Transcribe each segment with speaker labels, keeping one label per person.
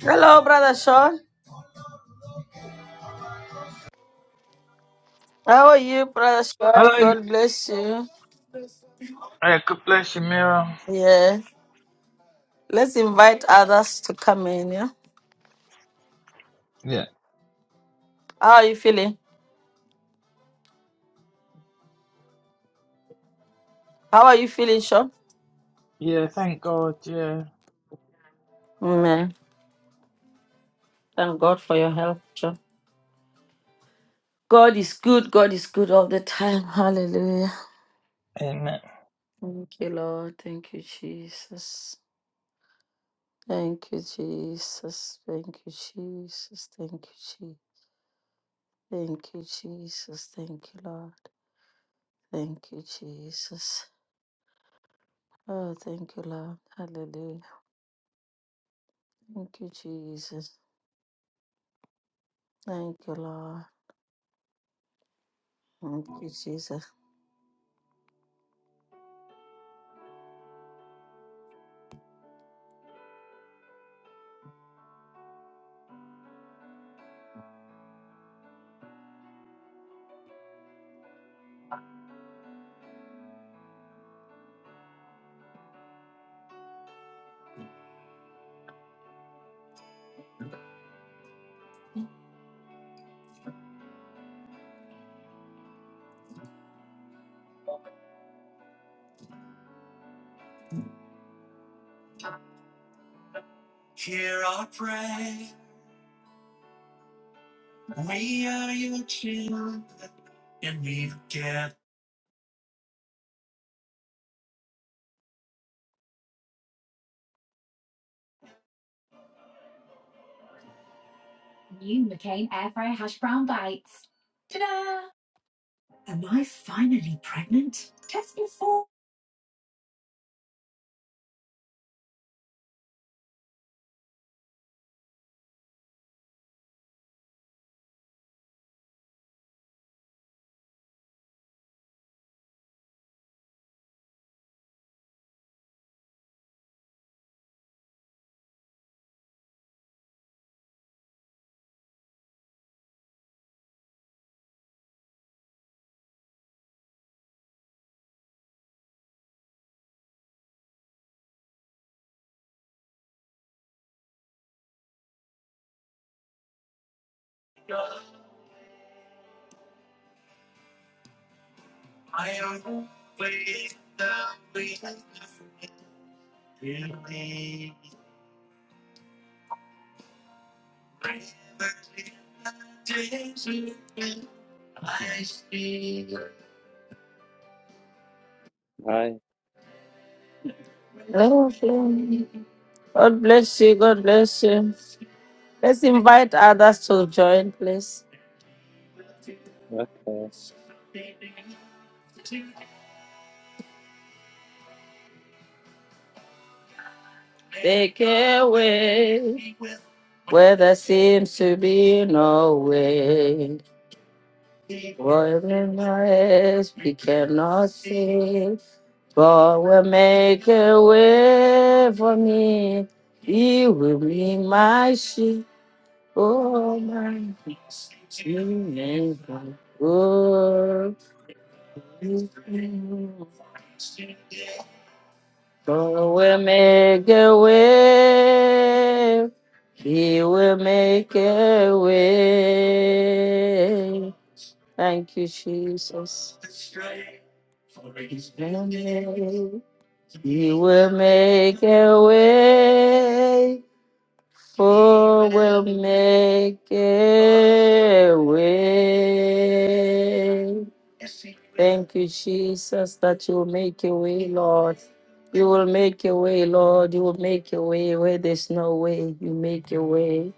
Speaker 1: Hello, Brother Sean. How are you, Brother
Speaker 2: Hello.
Speaker 1: Sean? God bless you.
Speaker 2: Yeah, God bless you, Mira.
Speaker 1: Yeah. Let's invite others to come in. Yeah.
Speaker 2: Yeah.
Speaker 1: How are you feeling? How are you feeling, Sean?
Speaker 2: Yeah, thank God, yeah.
Speaker 1: Amen. Thank God for your help, Sean. God is good. God is good all the time. Hallelujah.
Speaker 2: Amen.
Speaker 1: Thank you, Lord. Thank you, Jesus. Thank you, Jesus. Thank you, Jesus. Thank you, Jesus. Thank you, Jesus. Thank you, Lord. Thank you, Jesus. Oh, thank you, Lord. Hallelujah. Thank you, Jesus. Thank you, Lord. Thank you, Jesus.
Speaker 3: Hi.
Speaker 1: Lord you. God bless you. God bless you. Let's invite others to join, please.
Speaker 3: Okay.
Speaker 1: Take away where there seems to be no way. What in our heads we cannot see. God will make a way for me. He will be my sheep. Oh, my. Good. God will make a way. He will make a way. Thank you, Jesus. He will make a way. For will make a way. Thank you, Jesus, that you will make a way, Lord. You will make a way, Lord. You will make a way where there's no way. You make a way.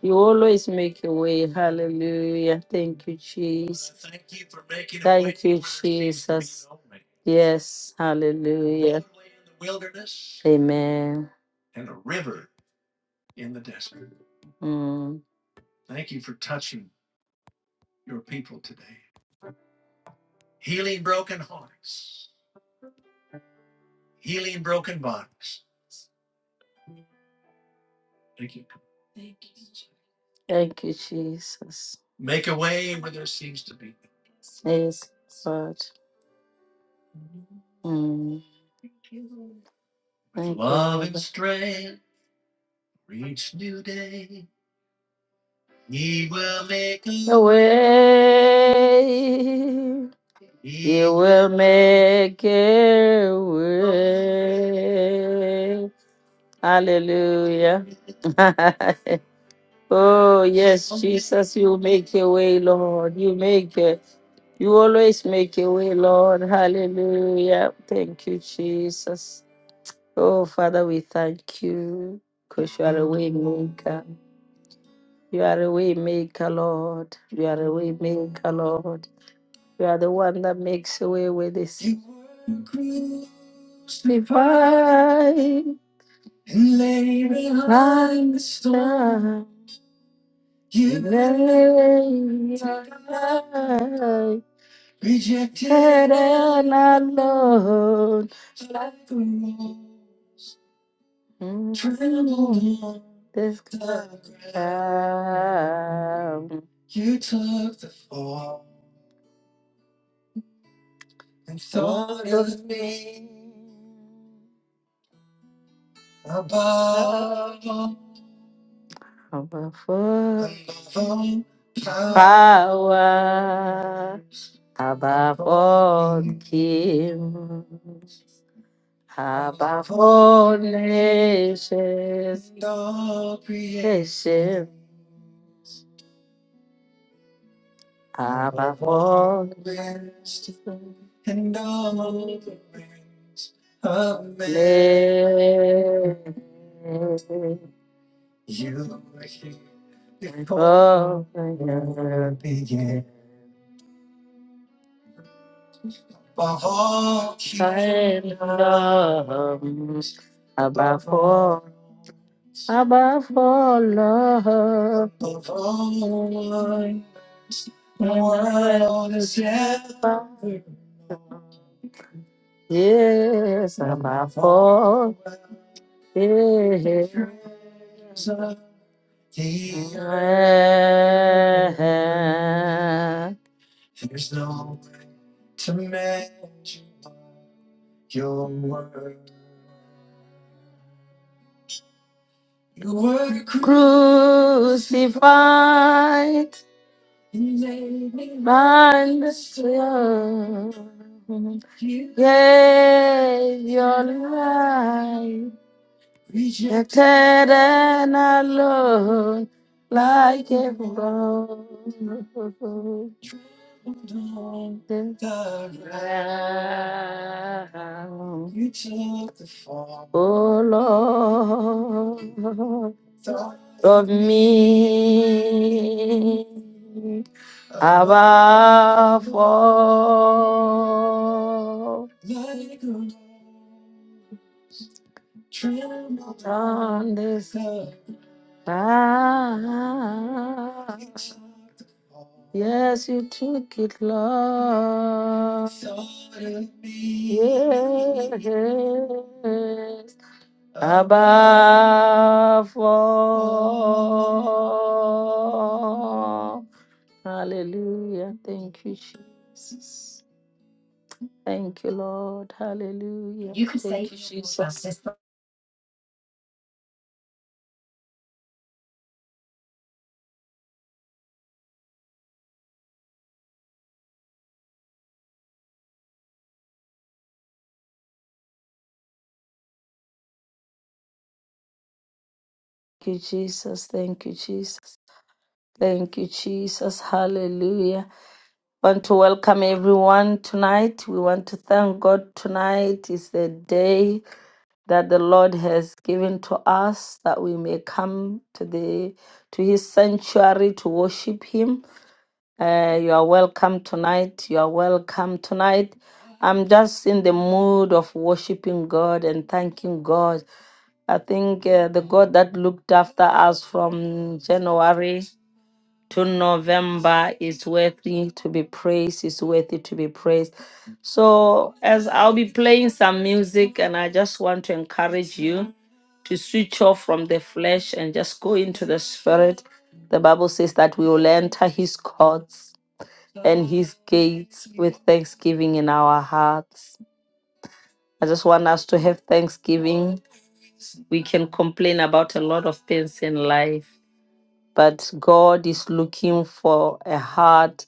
Speaker 1: You always make a way. Hallelujah. Thank you, Jesus. Thank you, Jesus. Yes. Hallelujah. Amen. Mm. Thank you, Jesus. Yes, Lord. Mm. Thank you. a way will make a way. Hallelujah. oh, yes, Jesus, you make a way, Lord. You make a, you always make a way, Lord. Hallelujah. Thank you, Jesus. Oh, Father, we thank you because you are a way maker. You are a way maker, Lord. You are a way maker, Lord. You are the one that makes a way with this. You were crucified and lay behind the storm. You lay behind, rejected and alone. Mm, This time. And thought of me above above all power, above all kings, above all nations, and all creation, above all wisdom, Amen. Oh, yeah. above all, above all love. in Yes, above all, yes. Crucified and laid by the Son, gave your life, rejected and alone, like a broken the lamb. Oh Lord, of me above all on this earth. Yes, you took it, Lord. Yes, above all. Hallelujah. Thank you, Jesus. Thank you, Lord. Hallelujah. You could Thank say you, Jesus. Jesus. Thank you, Jesus. Thank you, Jesus. Thank you, Jesus. Hallelujah. Want to welcome everyone tonight. We want to thank God tonight is the day that the Lord has given to us that we may come to the to his sanctuary to worship him Uh, you are welcome tonight. You are welcome tonight. I'm just in the mood of worshiping God and thanking God. I think uh, the God that looked after us from January to November is worthy to be praised, is worthy to be praised. So, as I'll be playing some music, and I just want to encourage you to switch off from the flesh and just go into the spirit. The Bible says that we will enter his courts and his gates with thanksgiving in our hearts. I just want us to have thanksgiving. We can complain about a lot of things in life, but God is looking for a heart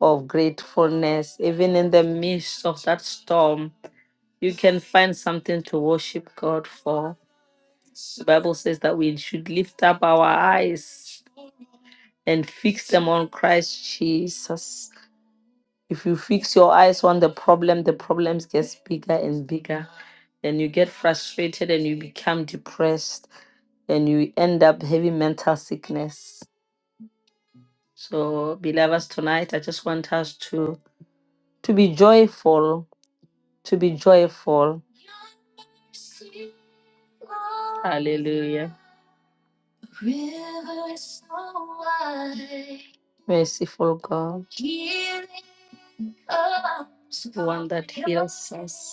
Speaker 1: of gratefulness. Even in the midst of that storm, you can find something to worship God for. The Bible says that we should lift up our eyes and fix them on Christ Jesus. If you fix your eyes on the problem, the problems gets bigger and bigger. Then you get frustrated and you become depressed and you end up having mental sickness. So, beloveds, tonight I just want us to to be joyful, to be joyful. Hallelujah. Merciful God. The One that heals us.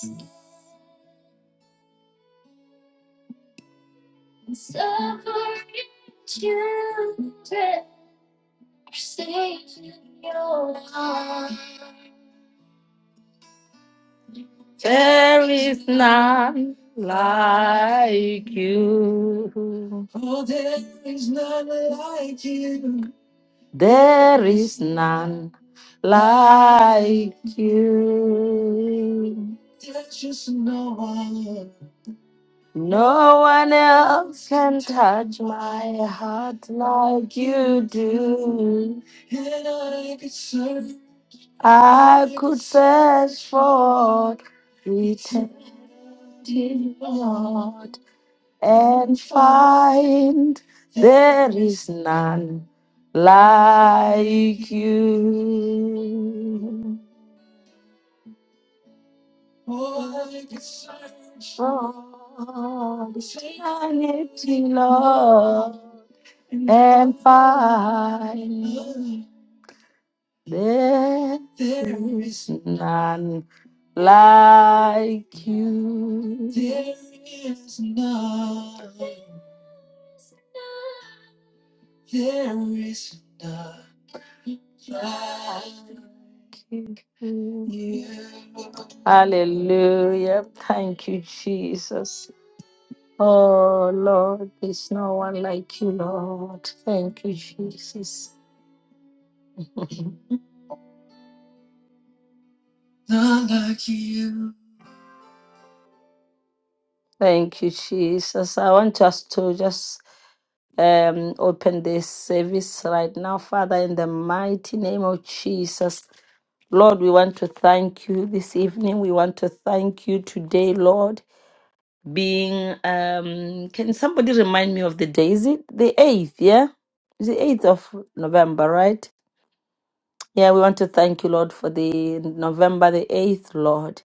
Speaker 1: There is none like you. There is none like you. No one else can touch my heart like you do. I could search for eternity. Dear Lord, and find there is none like you. For eternity, Lord, and find there is none like you. There is none. like you. Hallelujah. Thank you, Jesus. Oh, Lord, there's no one like you, Lord. Thank you, Jesus. Thank you, Jesus. I want us to just um, open this service right now, Father, in the mighty name of Jesus. Lord, we want to thank you this evening. We want to thank you today, Lord. Being, um, can somebody remind me of the day? Is it the 8th? Yeah? It's the 8th of November, right? Yeah, we want to thank you, Lord, for the November the 8th, Lord.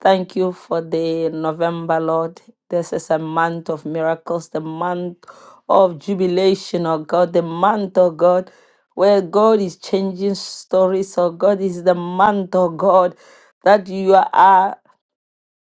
Speaker 1: Thank you for the November, Lord. This is a month of miracles, the month of jubilation, oh God, the month, oh God, where God is changing stories, oh God, is the month, oh God, that you are.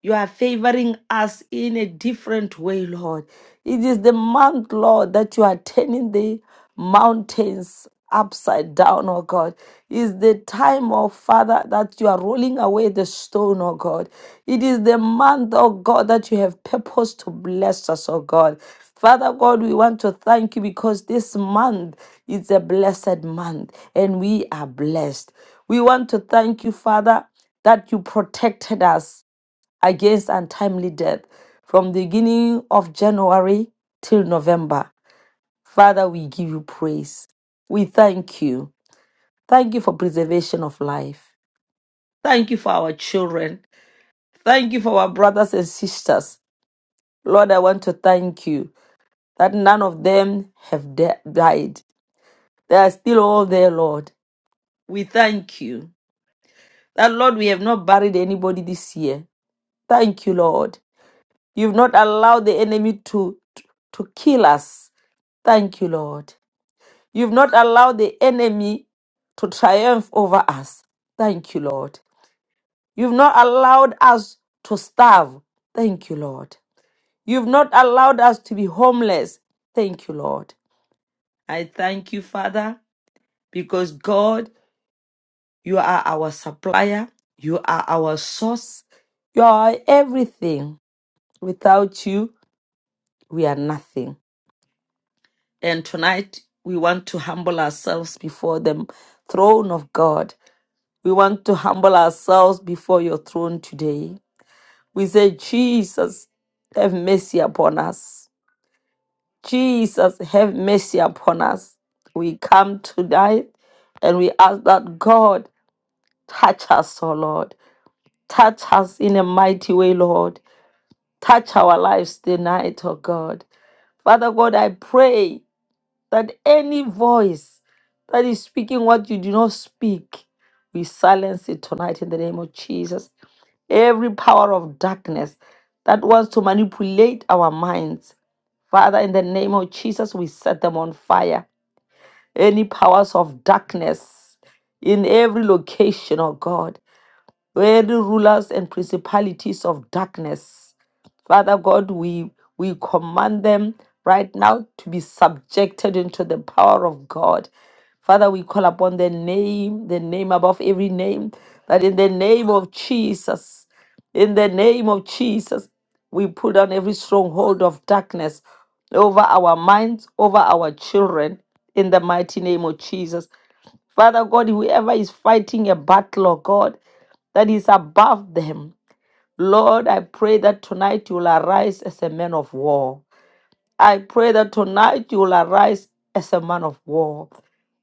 Speaker 1: You are favoring us in a different way, Lord. It is the month, Lord, that you are turning the mountains upside down, oh God. Is the time, oh Father, that you are rolling away the stone, oh God. It is the month, oh God, that you have purpose to bless us, oh God. Father God, we want to thank you because this month is a blessed month and we are blessed. We want to thank you, Father, that you protected us against untimely death from the beginning of January till November. Father, we give you praise. We thank you. Thank you for preservation of life. Thank you for our children. Thank you for our brothers and sisters. Lord, I want to thank you that none of them have de- died. They are still all there, Lord. We thank you that, Lord, we have not buried anybody this year. Thank you, Lord. You've not allowed the enemy to, to, to kill us. Thank you, Lord. You've not allowed the enemy to triumph over us. Thank you, Lord. You've not allowed us to starve. Thank you, Lord. You've not allowed us to be homeless. Thank you, Lord. I thank you, Father, because God, you are our supplier, you are our source, you are everything. Without you, we are nothing. And tonight, we want to humble ourselves before the throne of God We want to humble ourselves before your throne today. We say, Jesus, have mercy upon us. Jesus, have mercy upon us. We come tonight and we ask that God touch us, O Lord. Touch us in a mighty way, Lord. Touch our lives tonight, O God. Father God, I pray that any voice that is speaking what you do not speak, we silence it tonight in the name of Jesus. Every power of darkness that wants to manipulate our minds, Father, in the name of Jesus, we set them on fire. Any powers of darkness in every location, oh God where the rulers and principalities of darkness. Father God, we we command them right now to be subjected into the power of God. Father, we call upon the name, the name above every name, that in the name of Jesus, in the name of Jesus, we put on every stronghold of darkness over our minds, over our children, in the mighty name of Jesus. Father God, whoever is fighting a battle, oh God, that is above them. Lord, I pray that tonight you will arise as a man of war. I pray that tonight you will arise as a man of war.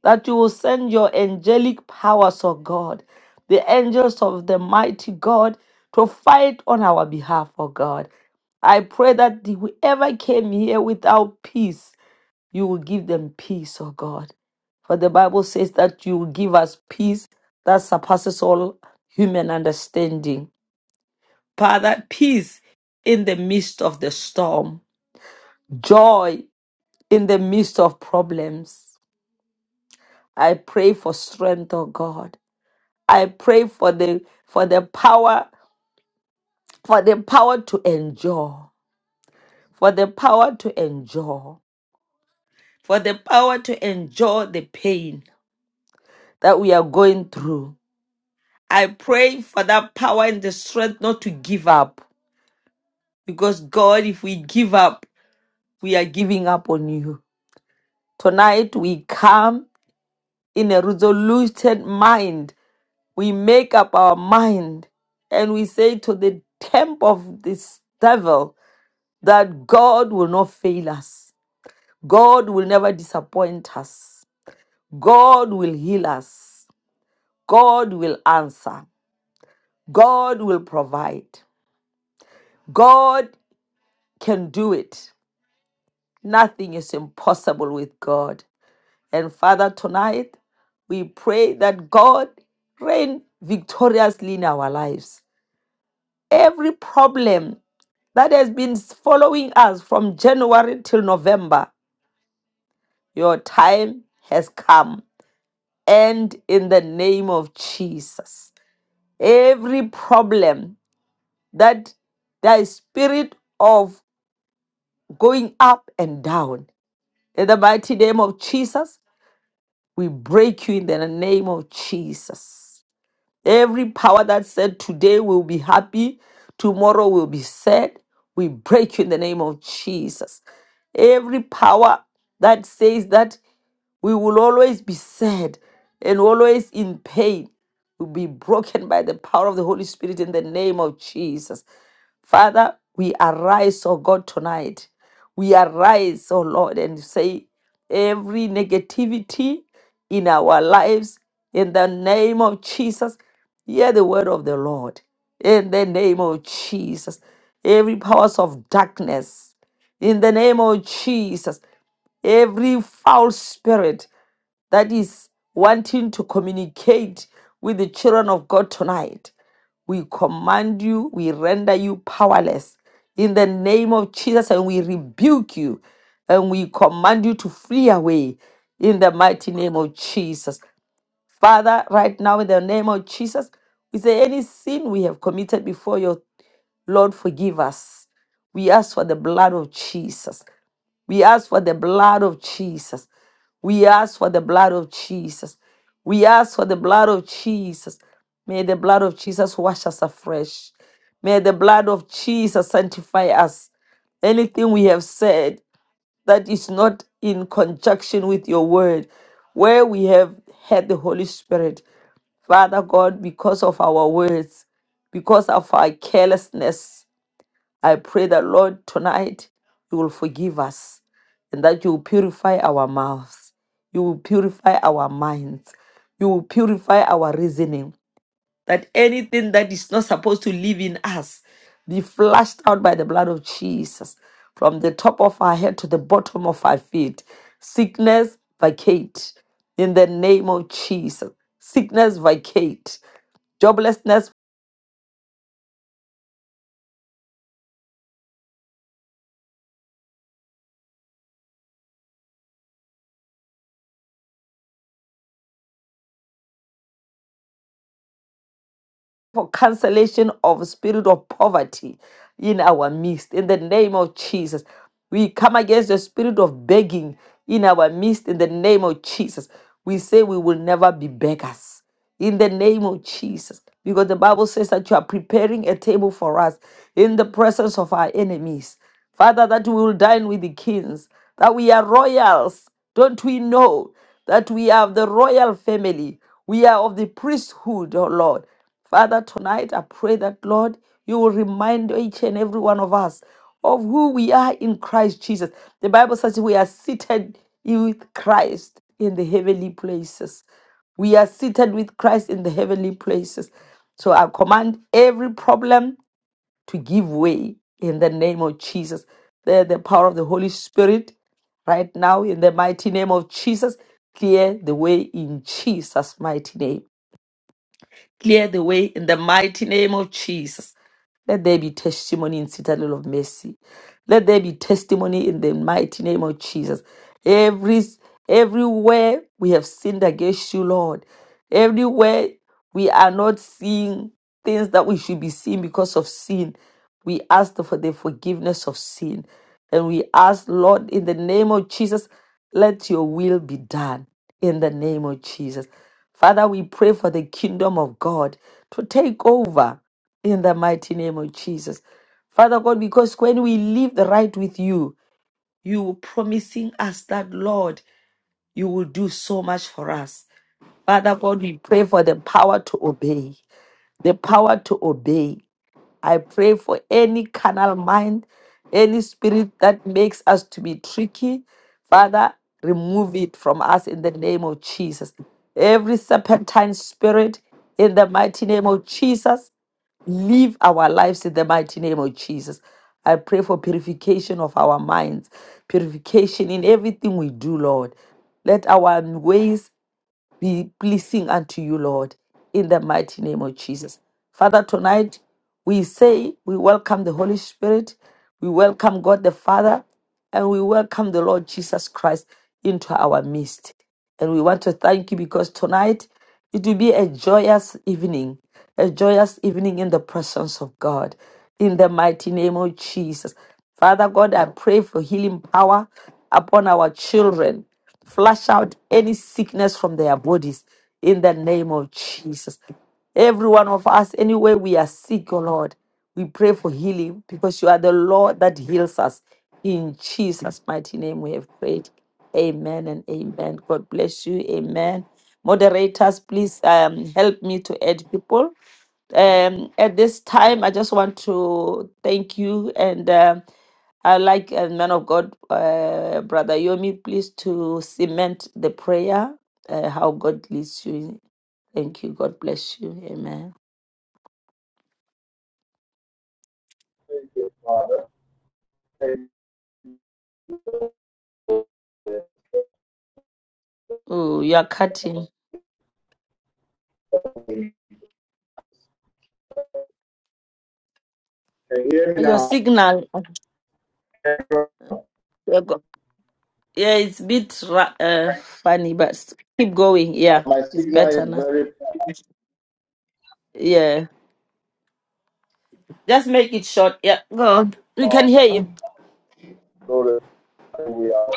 Speaker 1: That you will send your angelic powers, O God, the angels of the mighty God, to fight on our behalf, O God. I pray that whoever came here without peace, you will give them peace, O God. For the Bible says that you will give us peace that surpasses all human understanding. Father, peace in the midst of the storm, joy in the midst of problems. I pray for strength, oh God. I pray for the for the power, for the power to endure, for the power to endure, for the power to endure the pain that we are going through. I pray for that power and the strength not to give up. Because God, if we give up, we are giving up on you. Tonight we come in a resolute mind. We make up our mind and we say to the temp of this devil that God will not fail us. God will never disappoint us. God will heal us. God will answer. God will provide. God can do it. Nothing is impossible with God. And Father, tonight we pray that God reign victoriously in our lives. every problem that has been following us from January till November, your time has come. And in the name of Jesus, every problem that the spirit of going up and down, in the mighty name of Jesus, we break you in the name of Jesus. Every power that said today will be happy, tomorrow will be sad, we break you in the name of Jesus. every power that says that we will always be sad and always in pain. We'll be broken by the power of the Holy Spirit in the name of Jesus. Father, we arise, oh God, tonight. We arise, oh Lord, and say every negativity in our lives in the name of Jesus. Hear the word of the Lord in the name of Jesus. Every powers of darkness in the name of Jesus. Every foul spirit that is wanting to communicate with the children of God tonight. We command you, we render you powerless in the name of Jesus, and we rebuke you and we command you to flee away in the mighty name of Jesus. Father, right now in the name of Jesus, we say any sin we have committed before your Lord, forgive us. We ask for the blood of Jesus. We ask for the blood of Jesus. We ask for the blood of Jesus. We ask for the blood of Jesus. May the blood of Jesus wash us afresh. May the blood of Jesus sanctify us. Anything we have said, that is not in conjunction with your word, where we have had the Holy Spirit. Father God, because of our words, because of our carelessness, I pray that, Lord, tonight you will forgive us and that you will purify our mouths. You will purify our minds. You will purify our reasoning that anything that is not supposed to live in us be flushed out by the blood of Jesus from the top of our head to the bottom of our feet. Sickness, vacate in the name of Jesus. Sickness, vacate. Joblessness, for cancellation of spirit of poverty in our midst in the name of jesus we come against the spirit of begging in our midst in the name of jesus we say we will never be beggars in the name of jesus because the bible says that you are preparing a table for us in the presence of our enemies father that we will dine with the kings that we are royals don't we know that we are of the royal family we are of the priesthood, oh Lord. Father, tonight I pray that, Lord, you will remind each and every one of us of who we are in Christ Jesus. The Bible says we are seated with Christ in the heavenly places. We are seated with Christ in the heavenly places. So I command every problem to give way in the name of Jesus. The, the power of the Holy Spirit right now in the mighty name of Jesus. Clear the way in Jesus' mighty name. Clear the way in the mighty name of Jesus. Let there be testimony in Citadel of Mercy. Let there be testimony in the mighty name of Jesus. Every everywhere we have sinned against you, Lord. Everywhere we are not seeing things that we should be seeing because of sin. We ask for the forgiveness of sin. And we ask, Lord, in the name of Jesus, let your will be done in the name of Jesus. Father, we pray for the kingdom of God to take over in the mighty name of Jesus. Father God, because when we live the right with you, you were promising us that, Lord, you will do so much for us. Father God, we pray for the power to obey, the power to obey. I pray for any carnal mind, any spirit that makes us to be tricky. Father, remove it from us in the name of Jesus. Every serpentine spirit, in the mighty name of Jesus, live our lives in the mighty name of Jesus. I pray for purification of our minds, purification in everything we do, Lord. Let our ways be pleasing unto you, Lord, in the mighty name of Jesus. Father, tonight we say we welcome the Holy Spirit, we welcome God the Father, and we welcome the Lord Jesus Christ into our midst. And we want to thank you because tonight it will be a joyous evening, a joyous evening in the presence of God. In the mighty name of Jesus. Father God, I pray for healing power upon our children. Flush out any sickness from their bodies in the name of Jesus. Every one of us, anywhere we are sick, oh Lord, we pray for healing because you are the Lord that heals us. In Jesus' mighty name we have prayed. Amen and amen. God bless you. Amen. Moderators, please um, help me to add people. Um, at this time, I just want to thank you and um I like uh, man of God, uh, brother Yomi, please to cement the prayer uh, how God leads you. Thank you. God bless you. Amen.
Speaker 4: Thank you, Father. Thank you. Can
Speaker 1: Oh, you are cutting
Speaker 4: you hear me
Speaker 1: your
Speaker 4: now?
Speaker 1: signal.
Speaker 4: Uh,
Speaker 1: Yeah, it's a bit ra- uh, funny, but keep going. Yeah,
Speaker 4: My
Speaker 1: it's
Speaker 4: signal
Speaker 1: better
Speaker 4: is
Speaker 1: now.
Speaker 4: very
Speaker 1: Yeah. Just make it short. Yeah. God, We can
Speaker 4: poor.
Speaker 1: hear you.
Speaker 4: Lord, We are.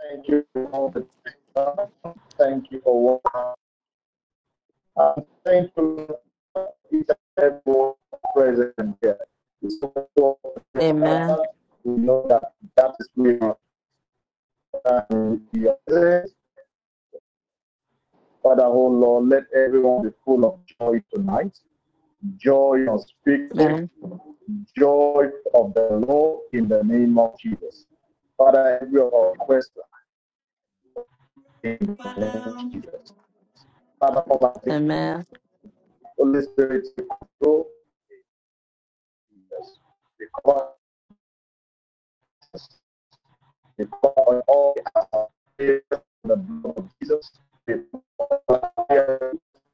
Speaker 4: Thank you for the Thank you for what. Uh, thank you for each and every present here. so-
Speaker 1: Amen.
Speaker 4: We know that that is real. And we are Father, oh Lord, let everyone be full of joy tonight. Joy unspeakable,
Speaker 1: Amen.
Speaker 4: joy of the Lord in the name of Jesus. Father, every request in the name of Jesus. Father, all the
Speaker 1: Amen.
Speaker 4: Holy Spirit, take control. Yes. We call, we cover all the blood of Jesus. We call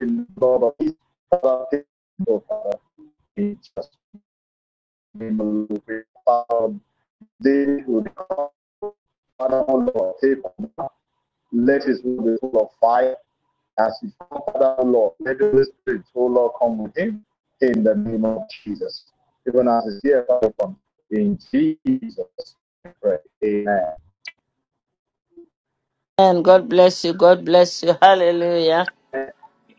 Speaker 4: in the blood of Jesus. Father, take in Jesus' name, we pray. David will become father in law. Let his will be full of fire as his father in law. Let the Holy Spirit, O Lord, come with him in the name of Jesus. Even as is here, Father, in Jesus' name, Amen.
Speaker 1: And God bless you. God bless you. Hallelujah.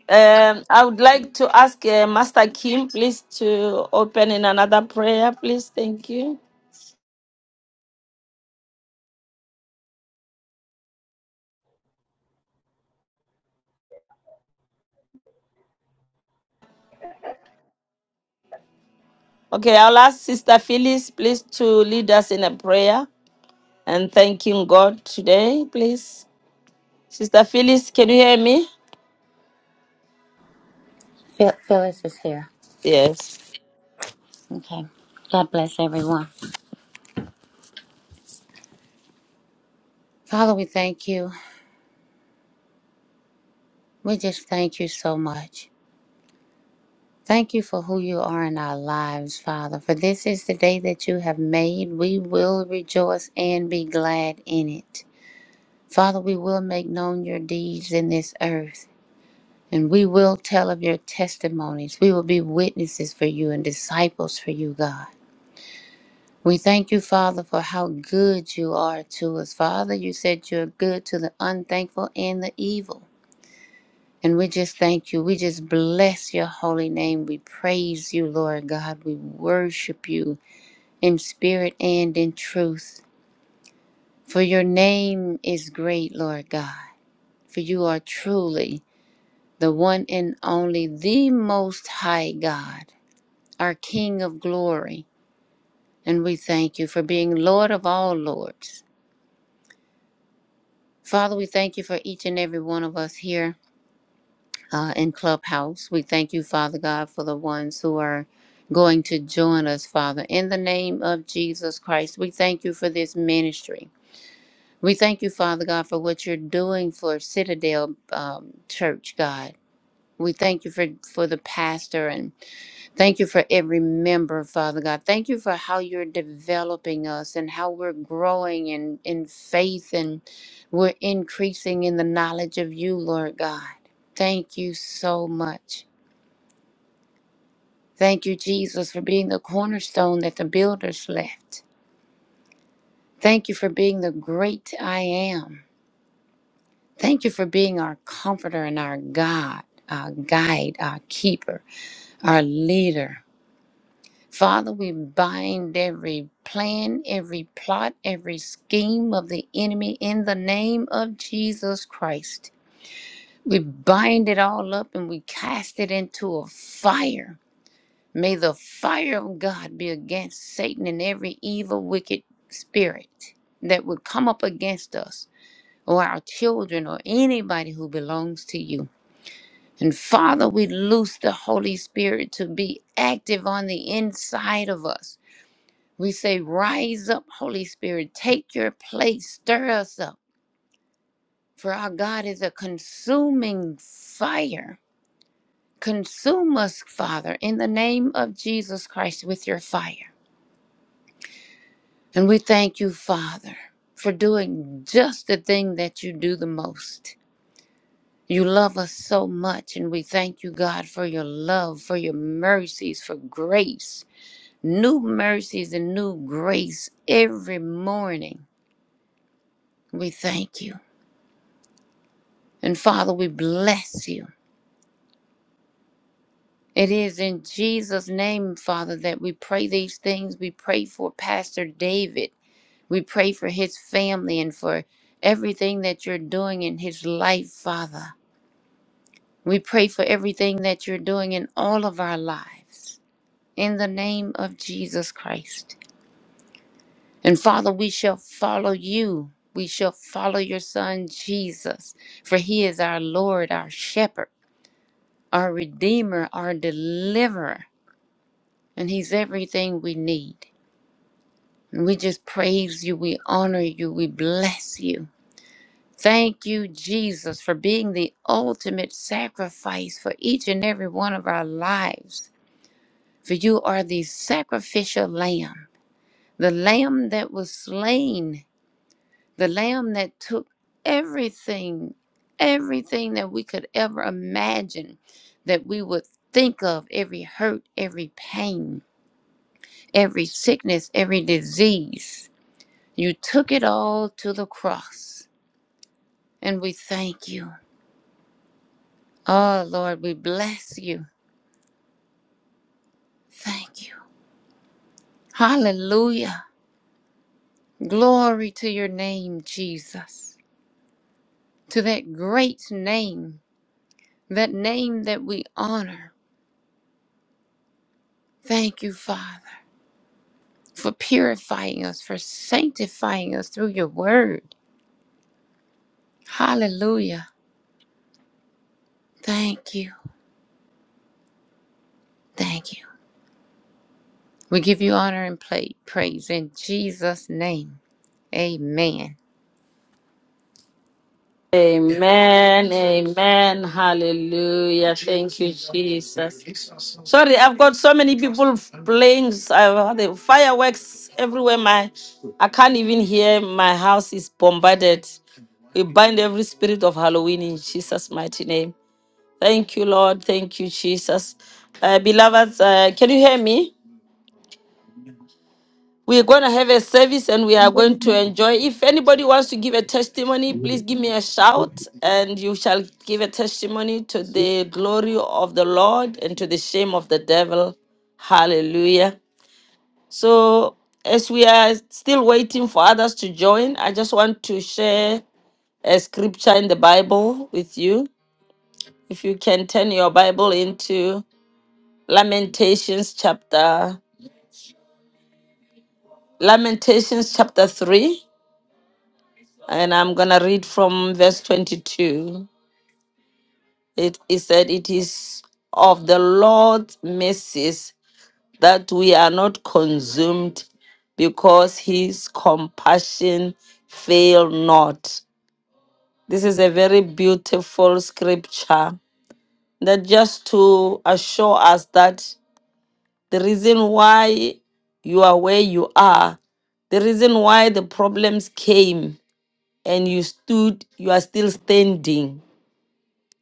Speaker 1: Um, I would like to ask uh, Master Kim, please, to open in another prayer, please. Thank you. Okay, I'll ask Sister Phyllis, please, to lead us in a prayer and thanking God today, please. Sister Phyllis, can you hear me?
Speaker 5: Phil- Phyllis is here.
Speaker 1: Yes.
Speaker 5: Okay. God bless everyone. Father, we thank you. We just thank you so much. Thank you for who you are in our lives, Father. For this is the day that you have made. We will rejoice and be glad in it. Father, we will make known your deeds in this earth, and we will tell of your testimonies. We will be witnesses for you and disciples for you, God. We thank you, Father, for how good you are to us. Father, you said you're good to the unthankful and the evil. And we just thank you. We just bless your holy name. We praise you, Lord God. We worship you in spirit and in truth. For your name is great, Lord God. For you are truly the one and only, the most high God, our King of glory. And we thank you for being Lord of all lords. Father, we thank you for each and every one of us here uh, in Clubhouse. We thank you, Father God, for the ones who are going to join us, Father. In the name of Jesus Christ, we thank you for this ministry. We thank you, Father God, for what you're doing for Citadel um, Church, God. We thank you for, for the pastor and. Thank you for every member, Father God. Thank you for how you're developing us and how we're growing in, in faith and we're increasing in the knowledge of you, Lord God. Thank you so much. Thank you, Jesus, for being the cornerstone that the builders left. Thank you for being the great I am. Thank you for being our comforter and our God, our guide, our keeper, our leader. Father, we bind every plan, every plot, every scheme of the enemy in the name of Jesus Christ. We bind it all up and we cast it into a fire. May the fire of God be against Satan and every evil, wicked spirit that would come up against us or our children or anybody who belongs to you. And Father, we loose the Holy Spirit to be active on the inside of us we say, Rise up, Holy Spirit, take your place, stir us up. For our God is a consuming fire. Consume us, Father, in the name of Jesus Christ with your fire. And we thank you, Father, for doing just the thing that you do the most. You love us so much, and we thank you, God, for your love, for your mercies, for grace, new mercies and new grace every morning. We thank you. And Father, we bless you. It is in Jesus' name, Father, that we pray these things. We pray for Pastor David. We pray for his family and for everything that you're doing in his life, Father. We pray for everything that you're doing in all of our lives. In the name of Jesus Christ. And Father, we shall follow you. We shall follow your Son, Jesus, for he is our Lord, our shepherd, our Redeemer, our Deliverer. and He's everything we need. And we just praise you, we honor you, we bless you. Thank you, Jesus, for being the ultimate sacrifice for each and every one of our lives. For you are the sacrificial lamb, the lamb that was slain, the lamb that took everything, everything that we could ever imagine that we would think of every hurt, every pain, every sickness, every disease You took it all to the cross, and we thank you. Oh, Lord, we bless you. Thank you. Hallelujah. Glory to your name, Jesus, to that great name, that name that we honor. Thank you, Father, for purifying us, for sanctifying us through your word. Hallelujah. Thank you. Thank you. We give you honor and pla- praise in Jesus' name. Amen.
Speaker 1: Amen. Amen. Hallelujah. Thank you, Jesus. Sorry, I've got so many people playing uh, the fireworks everywhere. My I can't even hear. My house is bombarded. We bind every spirit of Halloween in Jesus' mighty name. Thank you, Lord. Thank you, Jesus. Uh, beloveds, uh, can you hear me? We're going to have a service and we are going to
Speaker 6: Hallelujah.
Speaker 1: enjoy. If anybody wants to give a testimony, please give me a shout and you shall give a testimony to the glory of the Lord and to the shame of the devil. Hallelujah. So, as we are still waiting for others to join, I just want to share a scripture in the Bible with you. If you can turn your Bible into Lamentations chapter Lamentations chapter 3 And I'm going to read from verse 22. It, it said, It is of the Lord's mercies that we are not consumed because his compassion fail not. This is a very beautiful scripture that just to assure us that the reason why you are where you are, the reason why the problems came and you stood, you are still standing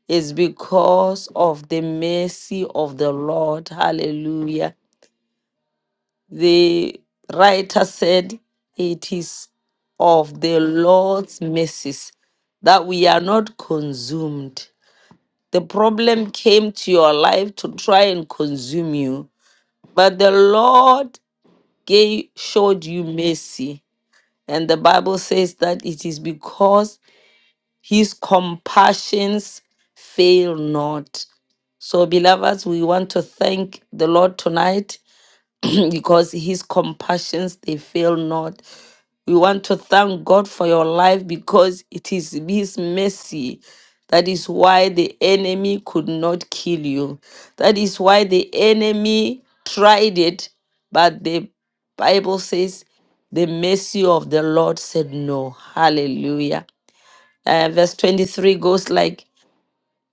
Speaker 1: It's because of the mercy of the Lord. Hallelujah. The writer said, It is of the Lord's mercies that we are not consumed. The problem came to your life to try and consume you, but the Lord gave, showed you mercy. And the Bible says that it is because His compassions fail not. So, beloveds, we want to thank the Lord tonight because his compassions they fail not. We want to thank God for your life because it is his mercy. That is why the enemy could not kill you. That is why the enemy tried it, but the Bible says the mercy of the Lord said no. Hallelujah. Uh, verse 23 goes like,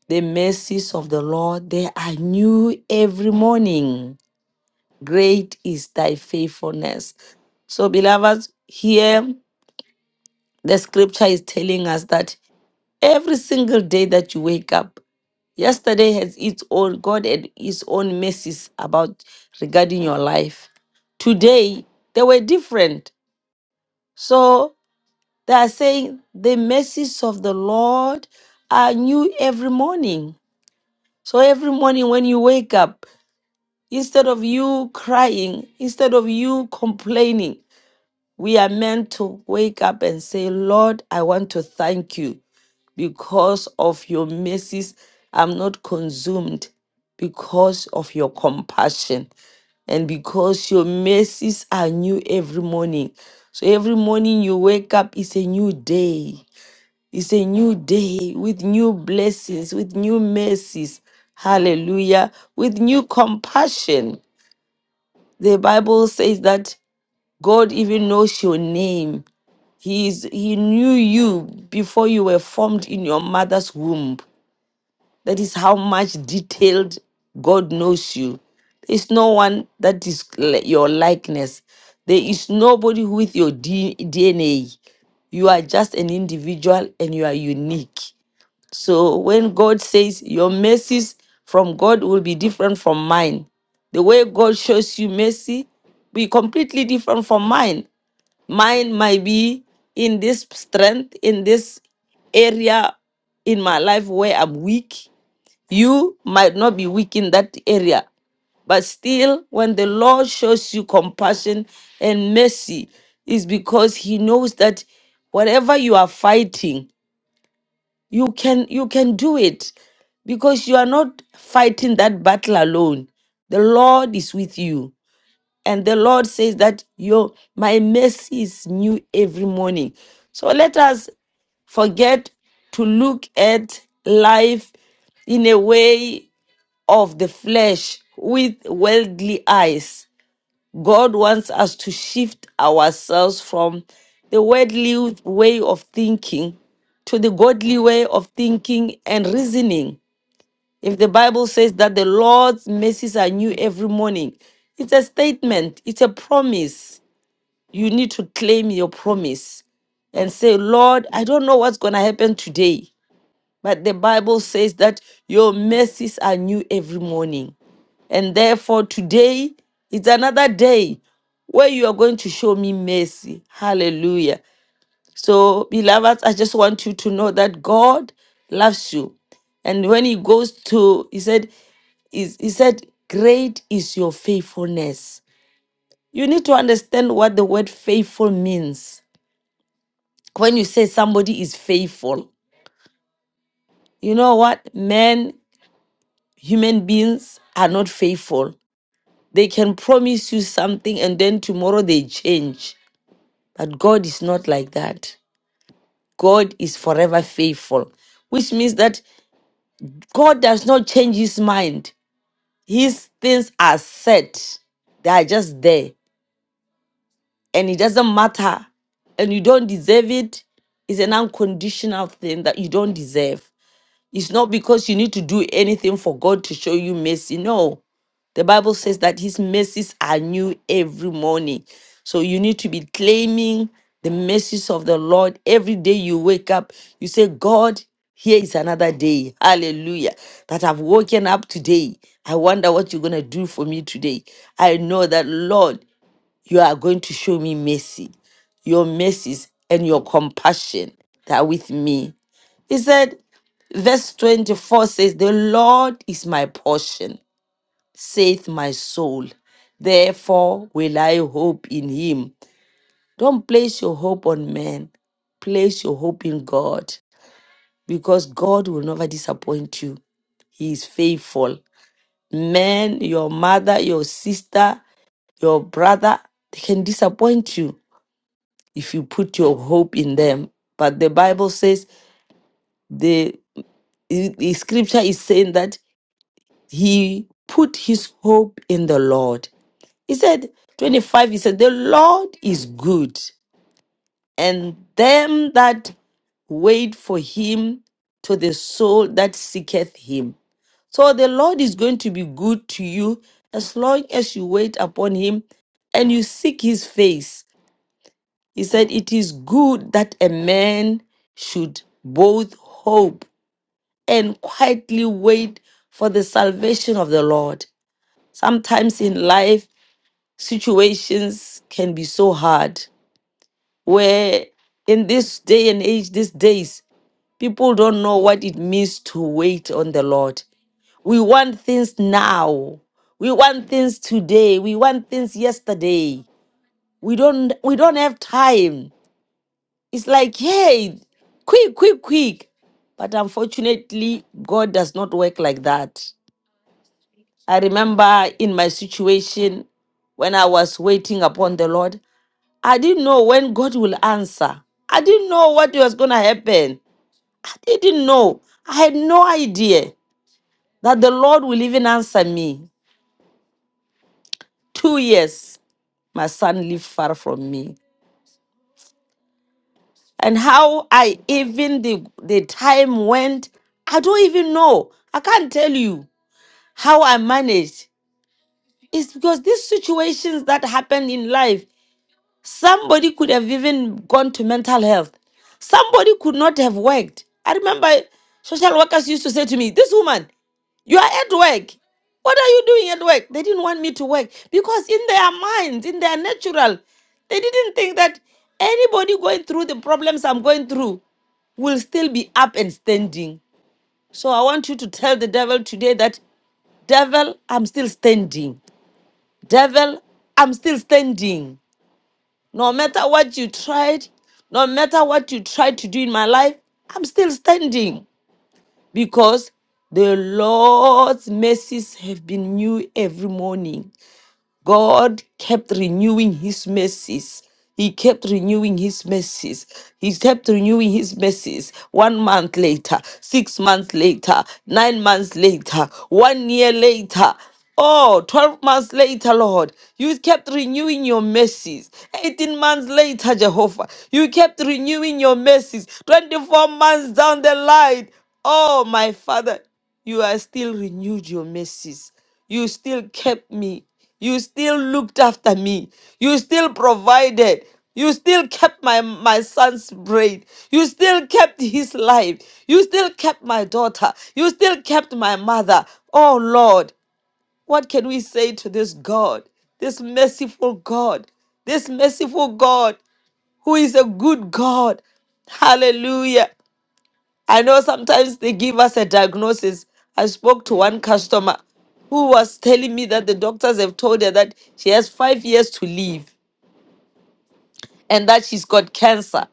Speaker 1: The mercies of the Lord, they are new every morning. Great is thy faithfulness. So, beloveds, here the scripture is telling us that every single day that you wake up, yesterday has its own, God had his own mercies about regarding your life. Today, they were different. So, they are saying the mercies of the Lord are new every morning. So every morning when you wake up, instead of you crying, instead of you complaining, we are meant to wake up and say, Lord, I want to thank you because of your mercies. I'm not consumed because of your compassion and because your mercies are new every morning. So every morning you wake up, it's a new day. It's a new day with new blessings, with new mercies. Hallelujah. With new compassion. The Bible says that God even knows your name. He is he knew you before you were formed in your mother's womb. That is how much detailed God knows you. There is no one that is li- your likeness. There is nobody with your D- DNA. You are just an individual and you are unique. So when God says your mercies from God will be different from mine, the way God shows you mercy be completely different from mine. Mine might be in this strength, in this area in my life where I'm weak. You might not be weak in that area. But still, when the Lord shows you compassion and mercy, is because He knows that whatever you are fighting, you can you can do it because you are not fighting that battle alone. The Lord is with you. And the Lord says that your my mercy is new every morning. So let us forget to look at life in a way of the flesh with worldly eyes God wants us to shift ourselves from the worldly way of thinking to the godly way of thinking and reasoning. If the Bible says that the Lord's mercies are new every morning, it's a statement, it's a promise. You need to claim your promise and say, Lord, I don't know what's going to happen today, but the Bible says that your mercies are new every morning. And therefore, today is another day where you are going to show me mercy. Hallelujah. So, beloveds, I just want you to know that God loves you. And when he goes to, he said, is he said, great is your faithfulness. You need to understand what the word faithful means. When you say somebody is faithful, you know what? Men, human beings are not faithful. They can promise you something and then tomorrow they change But God is not like that. God is forever faithful, which means that God does not change his mind. His things are set, they are just there, and it doesn't matter. And you don't deserve it. It's an unconditional thing that you don't deserve. It's not because you need to do anything for God to show you mercy. No. The Bible says that his mercies are new every morning. So you need to be claiming the mercies of the Lord every day you wake up. You say, God, here is another day. Hallelujah. That I've woken up today. I wonder what you're going to do for me today. I know that, Lord, you are going to show me mercy, your mercies and your compassion that are with me he said, verse 24 says, The Lord is my portion, saith my soul. Therefore will I hope in him. Don't place your hope on men, place your hope in God, because God will never disappoint you. He is faithful. Men, your mother, your sister, your brother, they can disappoint you if you put your hope in them. But the Bible says the, the scripture is saying that he put his hope in the Lord. He said, 25, he said, The Lord is good, and them that wait for him to the soul that seeketh him. So the Lord is going to be good to you as long as you wait upon him and you seek his face. He said, It is good that a man should both hope and quietly wait for the salvation of the Lord. Sometimes in life, situations can be so hard where in this day and age, these days, people don't know what it means to wait on the Lord. We want things now. We want things today. We want things yesterday. We don't we don't have time. It's like, hey, quick, quick, quick. But unfortunately, God does not work like that. I remember in my situation when I was waiting upon the Lord, I didn't know when God will answer. I didn't know what was going to happen. I didn't know. I had no idea that the Lord will even answer me. Two years, my son lived far from me. And how I even, the, the time went, I don't even know. I can't tell you how I managed. It's because these situations that happen in life, Somebody could have even gone to mental health. Somebody could not have worked. I remember social workers used to say to me, This woman, you are at work. What are you doing at work? They didn't want me to work because, in their minds, in their natural, they didn't think that anybody going through the problems I'm going through will still be up and standing. So I want you to tell the devil today that, Devil, I'm still standing. Devil, I'm still standing. No matter what you tried, no matter what you tried to do in my life, I'm still standing because the Lord's mercies have been new every morning. God kept renewing his mercies. He kept renewing his mercies. He kept renewing his mercies. One month later, six months later, nine months later, one year later. oh, 12 months later, Lord, you kept renewing your mercies. 18 months later, Jehovah, you kept renewing your mercies. 24 months down the line. Oh, my Father, you are still renewed your mercies. You still kept me. You still looked after me. You still provided. You still kept my, my son's brain. You still kept his life. You still kept my daughter. You still kept my mother. Oh Lord, what can we say to this God, this merciful God, this merciful God who is a good God? Hallelujah. I know sometimes they give us a diagnosis. I spoke to one customer who was telling me that the doctors have told her that she has five years to live and that she's got cancer.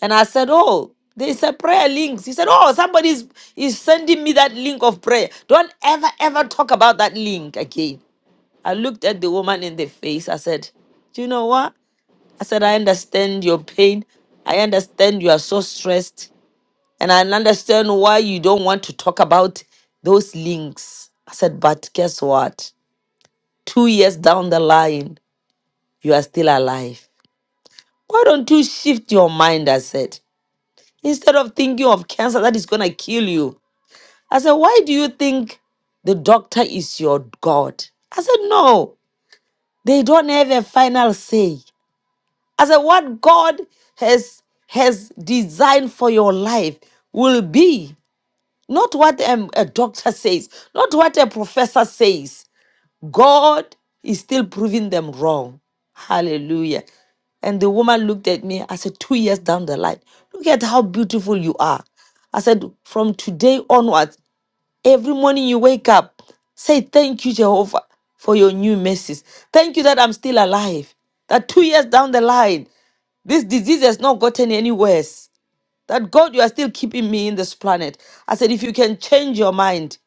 Speaker 1: And I said, Oh, there's a prayer link. He said, Oh, somebody is is sending me that link of prayer. Don't ever, ever talk about that link again. I looked at the woman in the face. I said, Do you know what? I said, I understand your pain. I understand you are so stressed. And I understand why you don't want to talk about those links. I said, but guess what? Two years down the line, you are still alive. Why don't you shift your mind? I said, instead of thinking of cancer that is going to kill you, I said, why do you think the doctor is your God? I said, no, they don't have a final say. I said, what God has has designed for your life will be. not what um, a doctor says, not what a professor says. God is still proving them wrong. Hallelujah. And the woman looked at me. I said, Two years down the line, look at how beautiful you are. I said, From today onwards, every morning you wake up, say, Thank you, Jehovah, for your new mercies. Thank you that I'm still alive. That two years down the line, this disease has not gotten any worse that God, you are still keeping me in this planet. I said, if you can change your mind,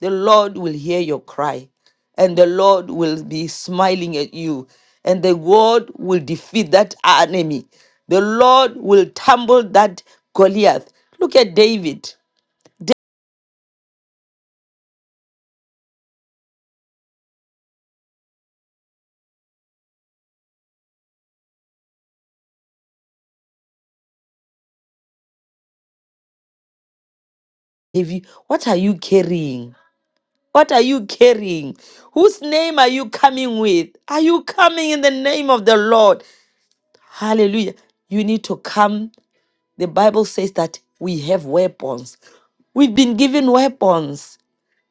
Speaker 1: the Lord will hear your cry and the Lord will be smiling at you and the Lord will defeat that enemy. The Lord will tumble that Goliath. Look at David. If you, what are you carrying? What are you carrying? Whose name are you coming with? Are you coming in the name of the Lord? Hallelujah. You need to come The Bible says that we have weapons. We've been given weapons.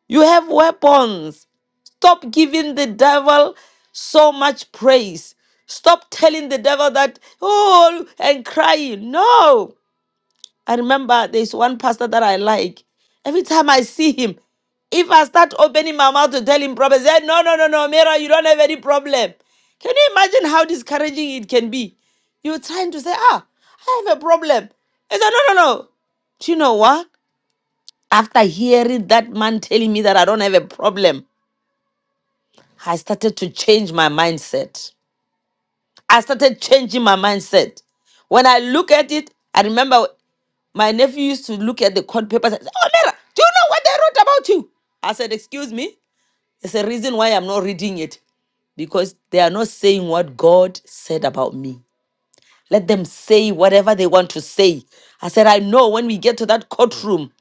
Speaker 1: You have weapons. Stop giving the devil so much praise. Stop telling the devil that, oh, and crying. No. I remember there's one pastor that I like. Every time I see him, if I start opening my mouth to tell him problems, say, no, no, no, no, Mira, you don't have any problem. Can you imagine how discouraging it can be? You're trying to say, ah, I have a problem. He said, no, no, no. Do you know what? After hearing that man telling me that I don't have a problem, I started to change my mindset. I started changing my mindset. When I look at it, I remember My nephew used to look at the court papers and say, Oh, Nera, do you know what they wrote about you? I said, Excuse me. There's a reason why I'm not reading it because they are not saying what God said about me. Let them say whatever they want to say. I said, I know when we get to that courtroom,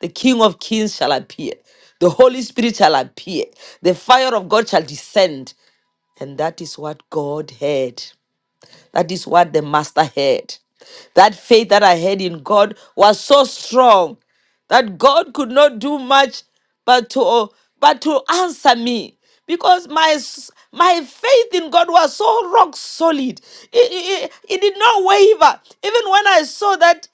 Speaker 1: the King of Kings shall appear, the Holy Spirit shall appear, the fire of God shall descend. And that is what God heard. That is what the master had. That faith that I had in God was so strong that God could not do much but to but to answer me because my s- my faith in God was so rock solid. It, it, it did not waver. Even when I saw that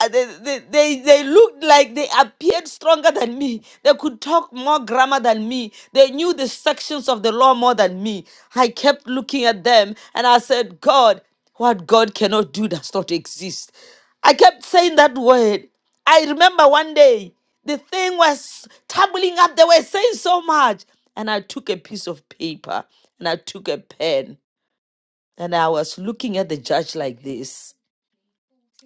Speaker 1: uh, they, they, they, they looked like they appeared stronger than me. They could talk more grammar than me. They knew the sections of the law more than me. I kept looking at them and I said, God, what God cannot do does not exist. I kept saying that word. I remember one day the thing was tumbling up. They were saying so much. And I took a piece of paper and I took a pen and I was looking at the judge like this.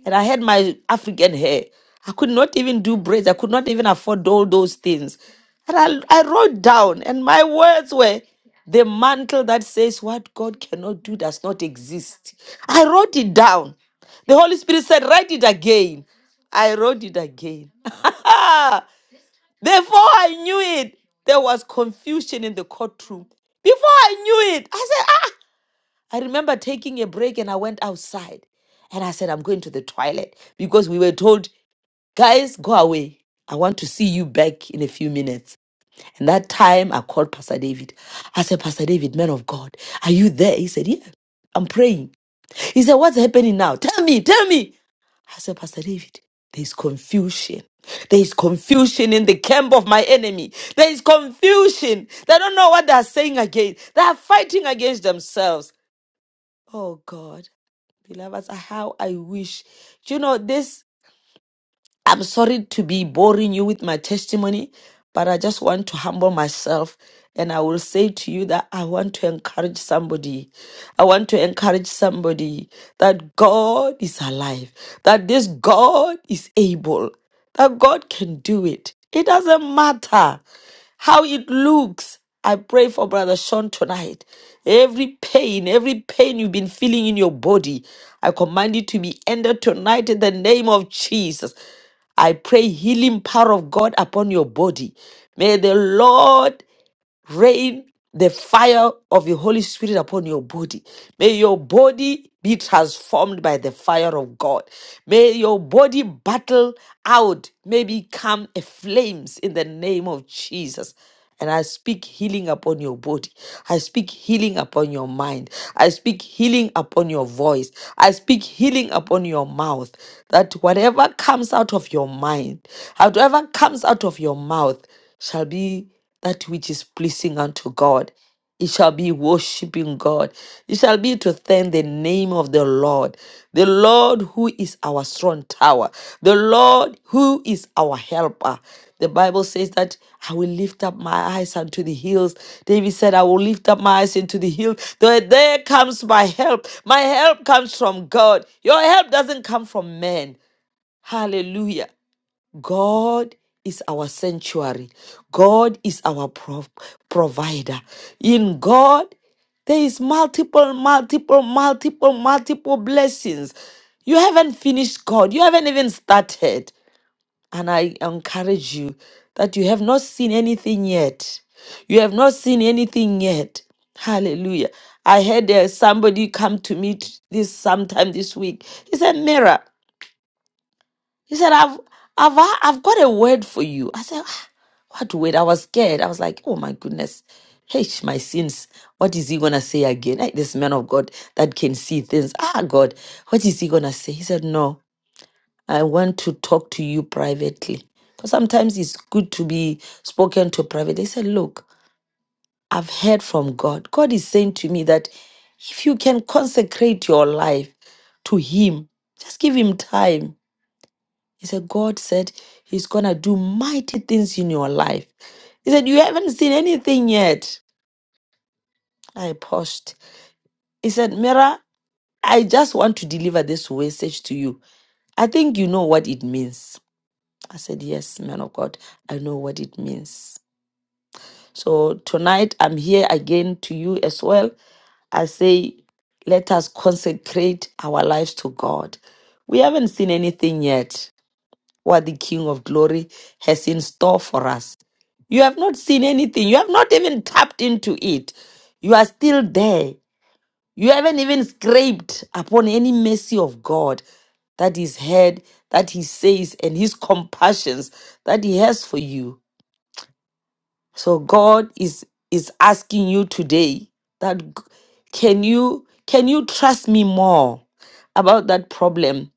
Speaker 1: And I had my African hair. I could not even do braids. I could not even afford all those things. And I, I wrote down, and my words were, the mantle that says what God cannot do does not exist. I wrote it down. The Holy Spirit said, write it again. I wrote it again. Before I knew it, there was confusion in the courtroom. Before I knew it, I said, I remember taking a break and I went outside and I said, I'm going to the toilet because we were told, guys, go away. I want to see you back in a few minutes. And that time I called Pastor David. I said, Pastor David, man of God, are you there? He said, Yeah, I'm praying. He said, What's happening now? Tell me, tell me. I said, Pastor David, there's confusion. There is confusion in the camp of my enemy. There is confusion. They don't know what they are saying again. They are fighting against themselves. Oh God. Beloveds, how I wish. Do you know this? I'm sorry to be boring you with my testimony, but I just want to humble myself and I will say to you that I want to encourage somebody. I want to encourage somebody that God is alive, that this God is able, that God can do it. It doesn't matter how it looks. I pray for Brother Sean tonight. Every pain, every pain you've been feeling in your body, I command it to be ended tonight in the name of Jesus. I pray healing power of God upon your body. May the Lord rain the fire of the Holy Spirit upon your body. May your body be transformed by the fire of God. May your body battle out, may become a flames in the name of Jesus. And I speak healing upon your body. I speak healing upon your mind. I speak healing upon your voice. I speak healing upon your mouth. That whatever comes out of your mind, whatever comes out of your mouth shall be that which is pleasing unto God. It shall be worshiping God. It shall be to thank the name of the Lord, the Lord who is our strong tower, the Lord who is our helper. The Bible says that I will lift up my eyes unto the hills. David said, I will lift up my eyes into the hills. There there comes my help. My help comes from God. Your help doesn't come from men. Hallelujah. God is our sanctuary. God is our prov- provider. In God, there is multiple, multiple, multiple, multiple blessings. You haven't finished God. You haven't even started. And I encourage you that you have not seen anything yet. You have not seen anything yet. Hallelujah. I had uh, somebody come to me t- this sometime this week. He said, Mira. He said, I've I've I've got a word for you. I said, "Ah, what word? I was scared. I was like, oh my goodness. Hey, my sins. What is he gonna say again? Hey, this man of God that can see things. Ah God, what is he gonna say? He said, No, I want to talk to you privately. Because sometimes it's good to be spoken to privately. He said, Look, I've heard from God. God is saying to me that if you can consecrate your life to him, just give him time he said, God said He's going to do mighty things in your life. He said, You haven't seen anything yet. I paused. He said, Mira, I just want to deliver this message to you. I think you know what it means. I said, Yes, man of God, I know what it means. So tonight I'm here again to you as well. I say, Let us consecrate our lives to God. We haven't seen anything yet, what the King of Glory has in store for us. You have not seen anything. You have not even tapped into it. You are still there. You haven't even scraped upon any mercy of God that is heard, that He says, and His compassions that He has for you. So God is is asking you today that g- can you can you trust me more about that problem?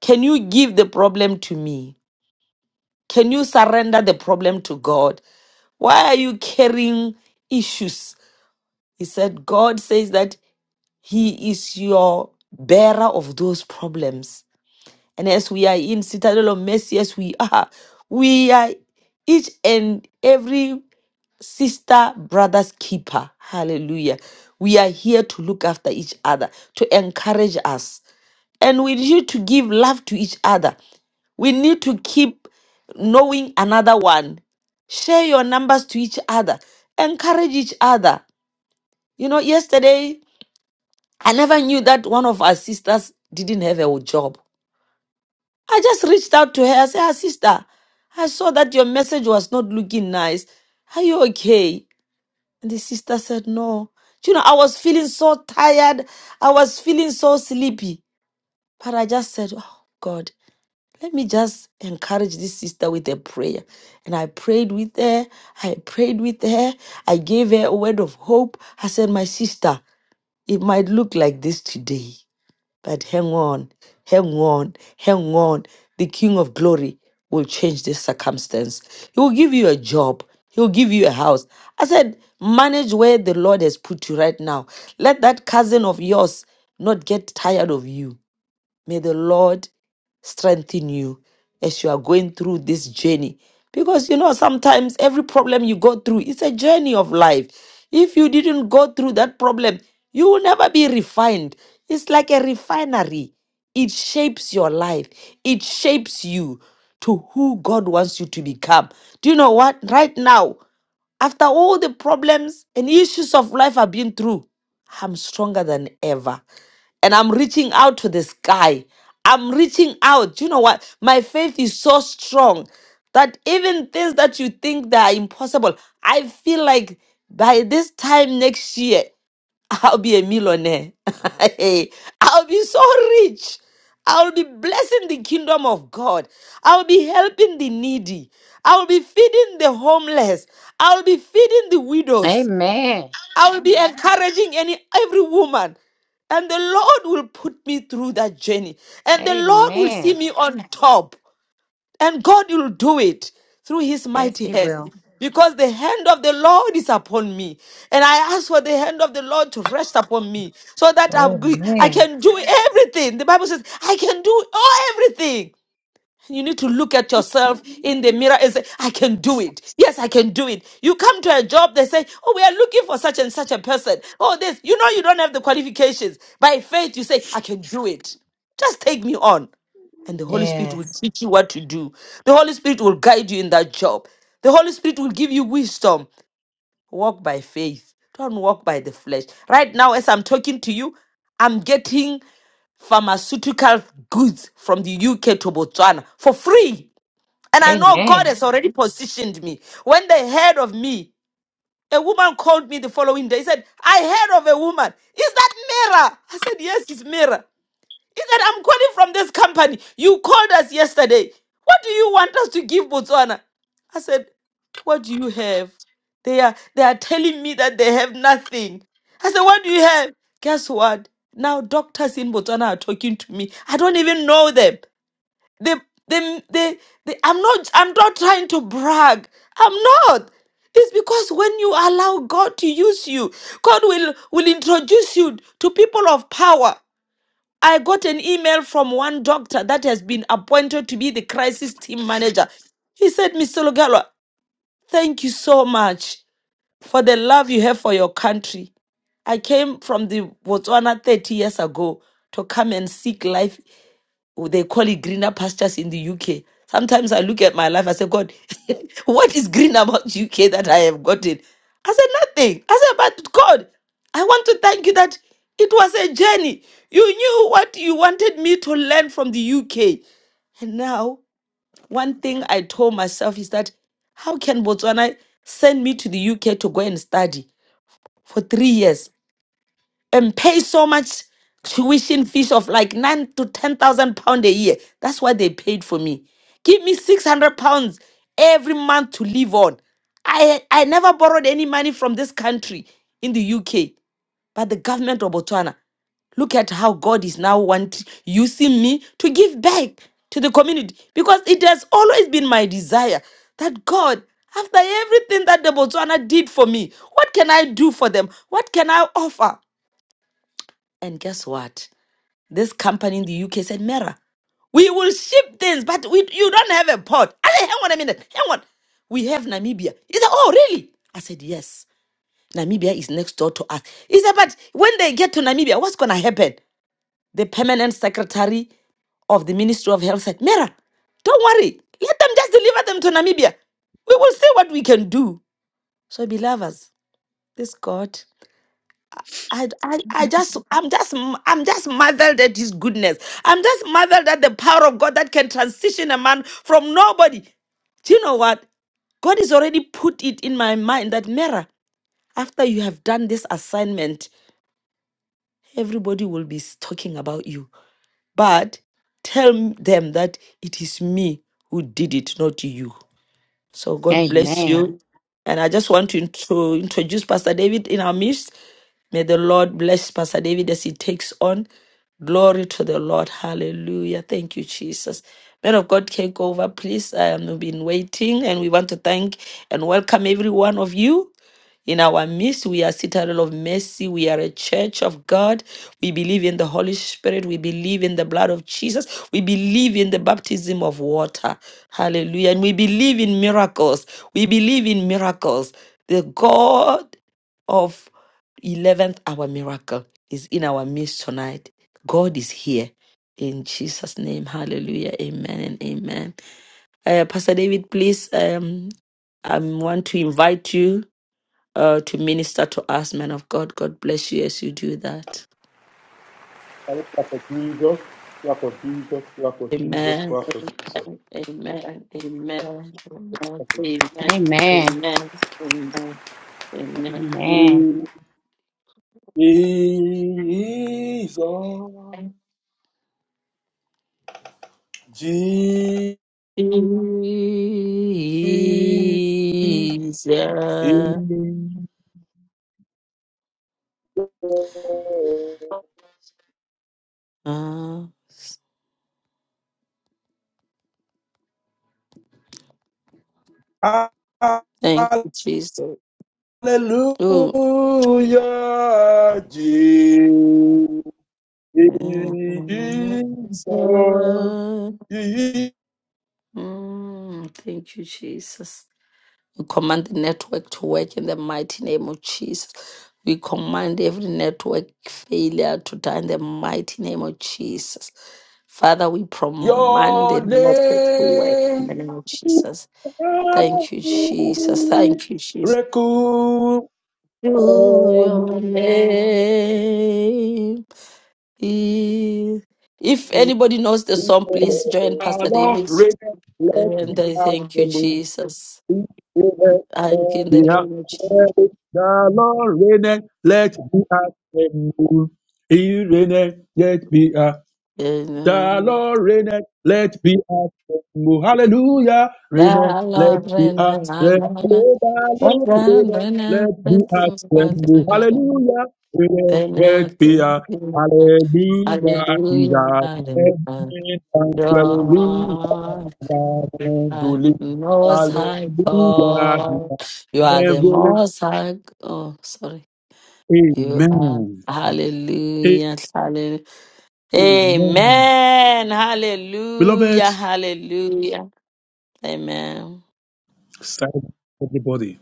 Speaker 1: Can you give the problem to me? Can you surrender the problem to God? Why are you carrying issues He said, God says that He is your bearer of those problems. And as we are in Citadel of Mercy, as we are, we are each and every sister, brother's keeper. Hallelujah. We are here to look after each other, to encourage us. And we need to give love to each other. We need to keep knowing another one. Share your numbers to each other. Encourage each other. You know, yesterday I never knew that one of our sisters didn't have a job. I just reached out to her. I said, "Ah, sister, I saw that your message was not looking nice. Are you okay? And the sister said, No. You know, I was feeling so tired. I was feeling so sleepy. But I just said, Oh, God, let me just encourage this sister with a prayer. And I prayed with her. I prayed with her. I gave her a word of hope. I said, My sister, it might look like this today But hang on, hang on, hang on. The King of Glory will change this circumstance. He will give you a job. He will give you a house. I said, manage where the Lord has put you right now. Let that cousin of yours not get tired of you May the Lord strengthen you as you are going through this journey. Because you know, sometimes every problem you go through, it's a journey of life. If you didn't go through that problem, you will never be refined. It's like a refinery, it shapes your life, it shapes you to who God wants you to become. Do you know what? Right now, after all the problems and issues of life I've been through, I'm stronger than ever and I'm reaching out to the sky. I'm reaching out. You know what? My faith is so strong that even things that you think that are impossible, I feel like by this time next year, I'll be a millionaire. Hey, I'll be so rich. I'll be blessing the kingdom of God. I'll be helping the needy. I'll be feeding the homeless. I'll be feeding the widows.
Speaker 5: Amen.
Speaker 1: I will be encouraging any every woman. And the Lord will put me through that journey. And the Lord will see
Speaker 5: Amen.
Speaker 1: me on top. And God will do it through his
Speaker 5: Yes,
Speaker 1: mighty
Speaker 5: he
Speaker 1: hand.
Speaker 5: will.
Speaker 1: Because the hand of the Lord is upon me. And I ask for the hand of the Lord to rest upon me. So that I'm good. I
Speaker 5: Amen.
Speaker 1: can do everything. The Bible says, I can do all everything you need to look at yourself in the mirror and say, I can do it. Yes, I can do it. You come to a job, they say, Oh, we are looking for such and such a person. Oh, this. You know, you don't have the qualifications. By faith, you say, I can do it. Just take me on. And the Holy Spirit will
Speaker 5: Yes.
Speaker 1: teach you what to do. The Holy Spirit will guide you in that job. The Holy Spirit will give you wisdom. Walk by faith. Don't walk by the flesh. Right now, as I'm talking to you, I'm getting pharmaceutical goods from the UK to Botswana for free. And I know God
Speaker 5: Amen.
Speaker 1: has already positioned me. When they heard of me, a woman called me the following day. said, I heard of a woman. Is that Mira? I said, Yes, it's Mira. He said, I'm calling from this company. You called us yesterday. What do you want us to give Botswana? I said, What do you have? They are they are telling me that they have nothing. I said, What do you have? Guess what? Now doctors in Botswana are talking to me. I don't even know them. They they they, they I'm not I'm not trying to brag. I'm not. It's because when you allow God to use you, God will, will introduce you to people of power. I got an email from one doctor that has been appointed to be the crisis team manager. He said, Mr. Lugalo, thank you so much for the love you have for your country. I came from the Botswana 30 years ago to come and seek life they call it greener pastures in the UK. Sometimes I look at my life, I say, God, what is green about UK that I have gotten? I said, nothing. I said, but God, I want to thank you that it was a journey. You knew what you wanted me to learn from the UK. And now, one thing I told myself is that how can Botswana send me to the UK to go and study for three years? and pay so much tuition fees of like nine to ten thousand pound a year. That's what they paid for me. Give me six hundred pounds every month to live on. I I never borrowed any money from this country in the UK, but the government of Botswana. Look at how God is now wanting using me to give back to the community because it has always been my desire that God after everything that the Botswana did for me, what can I do for them? What can I offer? And guess what? This company in the UK said, Mera, we will ship things, but we, you don't have a port. I said, hang on a minute, hang on. We have Namibia. He said, oh, really? I said, yes. Namibia is next door to us. He said, but when they get to Namibia, what's going to happen? The permanent secretary of the Ministry of Health said, Mera, don't worry. Let them just deliver them to Namibia. We will see what we can do. So, beloveds, this God I, I, I just I'm just I'm just marveled at his goodness. I'm just marveled at the power of God that can transition a man from nobody. Do you know what? God has already put it in my mind that Mera, after you have done this assignment, everybody will be s- talking about you. But tell m- them that it is me who did it, not you. So God bless
Speaker 5: Amen.
Speaker 1: you. And I just want to, intro introduce Pastor David in our midst. May the Lord bless Pastor David as he takes on. Glory to the Lord. Hallelujah. Thank you, Jesus. Man of God, take over, please. I have been waiting, and we want to thank and welcome every one of you. In our midst, we are citadel of mercy. We are a church of God. We believe in the Holy Spirit. We believe in the blood of Jesus. We believe in the baptism of water. Hallelujah. And we believe in miracles. We believe in miracles. The God of 11th hour miracle is in our midst tonight. God is here. In Jesus' name, hallelujah. Amen and amen. Uh, Pastor David, please, um, I want to invite you uh, to minister to us, man of God. God bless you as you do that.
Speaker 7: Can you clap for Jesus? Clap for Jesus. Clap for Jesus.
Speaker 1: Amen.
Speaker 7: Clap for Jesus.
Speaker 1: Amen. Amen. Amen. Amen.
Speaker 5: Amen.
Speaker 1: Amen. Amen. Amen.
Speaker 5: Amen.
Speaker 7: Mm, Jesus. Jesus.
Speaker 1: Amen. Jesus. Ah, Thank you, Jesus. Oh.
Speaker 7: Hallelujah. Jesus.
Speaker 1: mm, Thank you, Jesus. command the network to work in the mighty name of Jesus. We command every network failure to die in the mighty name of Jesus. Father, we command the
Speaker 7: Your
Speaker 1: network to work in the
Speaker 7: name.
Speaker 1: name of Jesus.
Speaker 7: Miracle
Speaker 1: Thank you, Jesus. Thank you, Jesus. To
Speaker 7: on
Speaker 1: your name. is- If
Speaker 7: you.
Speaker 1: anybody knows the song, please join
Speaker 7: Our
Speaker 1: Pastor David.
Speaker 7: Lord reign, let the
Speaker 1: And I
Speaker 7: earth
Speaker 1: thank you,
Speaker 7: tremble.
Speaker 1: Jesus.
Speaker 7: He reigneth
Speaker 1: Thank you
Speaker 7: on
Speaker 1: in the
Speaker 7: the
Speaker 1: name of Jesus.
Speaker 7: earth. The Lord reigneth, let the earth tremble. He reigneth, let the earth The Lord reigneth, let be a oh, hallelujah, reigneth, let be a oh, the
Speaker 1: Hallelujah.
Speaker 7: Lord reigneth, let be a oh, hallelujah, reigneth, let be a hallelujah, he's a heaven and hallelujah, to live.
Speaker 1: Most high
Speaker 7: hallelujah, he's
Speaker 1: God.
Speaker 7: a
Speaker 1: You are the
Speaker 7: heaven,
Speaker 1: most high. Oh, sorry. You are.
Speaker 7: amen,
Speaker 1: Hallelujah. Hallelujah.
Speaker 7: amen.
Speaker 1: Amen.
Speaker 7: Beloved,
Speaker 1: Hallelujah. Hallelujah. Amen.
Speaker 7: silent everybody,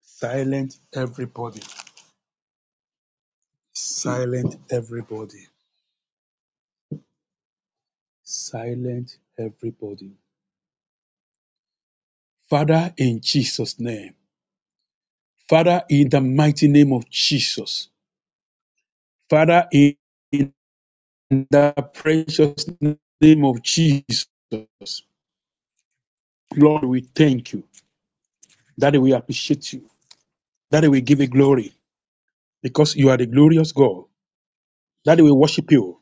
Speaker 7: silent everybody Silent everybody. Silent everybody. Father, in Jesus' name. Father, in the mighty name of Jesus. Father, in the precious name of Jesus. Lord, we thank you. Daddy, we appreciate you. Daddy, we give you glory because you are the glorious God. Daddy, we worship you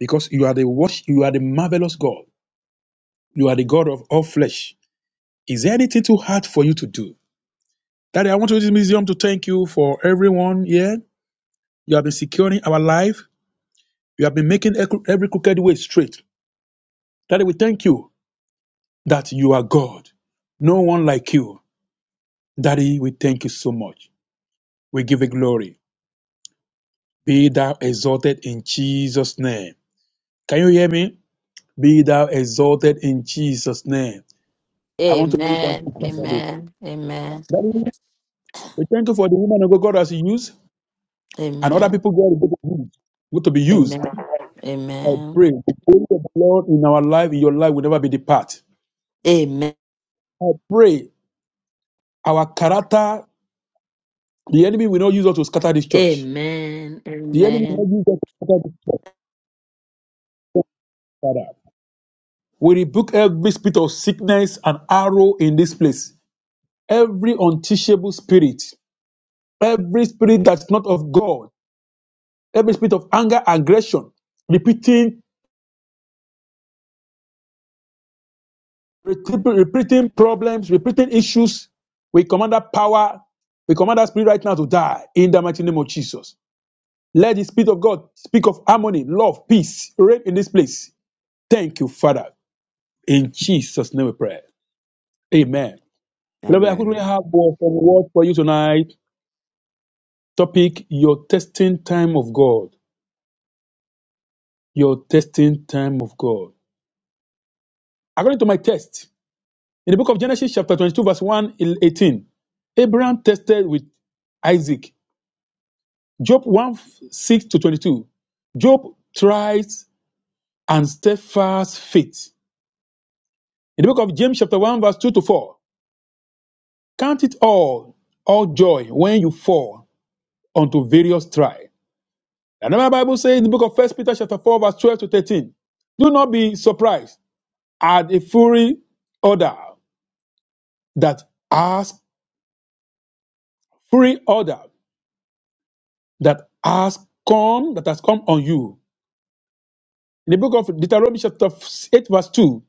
Speaker 7: because you are the wash, you are the marvelous God. You are the God of all flesh. Is there anything too hard for you to do? Daddy, I want to use this museum to thank you for everyone here. You have been securing our life. You have been making every crooked way straight. Daddy, we thank you that you are God. No one like you. Daddy, we thank you so much. We give you glory. Be thou exalted in Jesus' name. Can you hear me? Be thou exalted in Jesus' name. I want to know if I'm
Speaker 1: Amen.
Speaker 8: Amen.
Speaker 7: comfortable.
Speaker 1: Amen. Amen.
Speaker 7: Daddy, we thank you for the woman of God has used and other
Speaker 1: Amen.
Speaker 7: people God is to be used.
Speaker 1: Amen.
Speaker 7: I
Speaker 1: Amen.
Speaker 7: pray the glory of the Lord in our life, in your life, will never be depart.
Speaker 1: Amen.
Speaker 7: I pray our character, the enemy will not use us to scatter this church.
Speaker 1: Amen.
Speaker 7: The enemy will
Speaker 1: Amen.
Speaker 7: not use us to scatter this church, Father. We rebuke every spirit of sickness and arrow in this place. Every unteachable spirit, every spirit that's not of God, every spirit of anger, aggression, repeating, repeating repeating problems, repeating issues, we command that power, we command that spirit right now to die in the mighty name of Jesus. Let the Spirit of God speak of harmony, love, peace, reign in this place. Thank you, Father. In Jesus' name we pray. Amen. Beloved, I quickly
Speaker 8: Amen.
Speaker 7: have one- word for you tonight. Topic Your testing time of God. Your testing time of God. According to my test, in the book of Genesis, chapter 22, verse 1 to 18, Abraham tested with Isaac. Job 1 6 to 22. Job tries and steadfast faith. In the book of James, chapter 1, verse 2 to 4, Count it all, all joy when you fall unto various trials. Another Bible says in the book of First Peter chapter 4, verse 12 to 13. Do not be surprised at a fury order that has free order that has come that has come on you. In the book of Deuteronomy chapter 8, verse 2,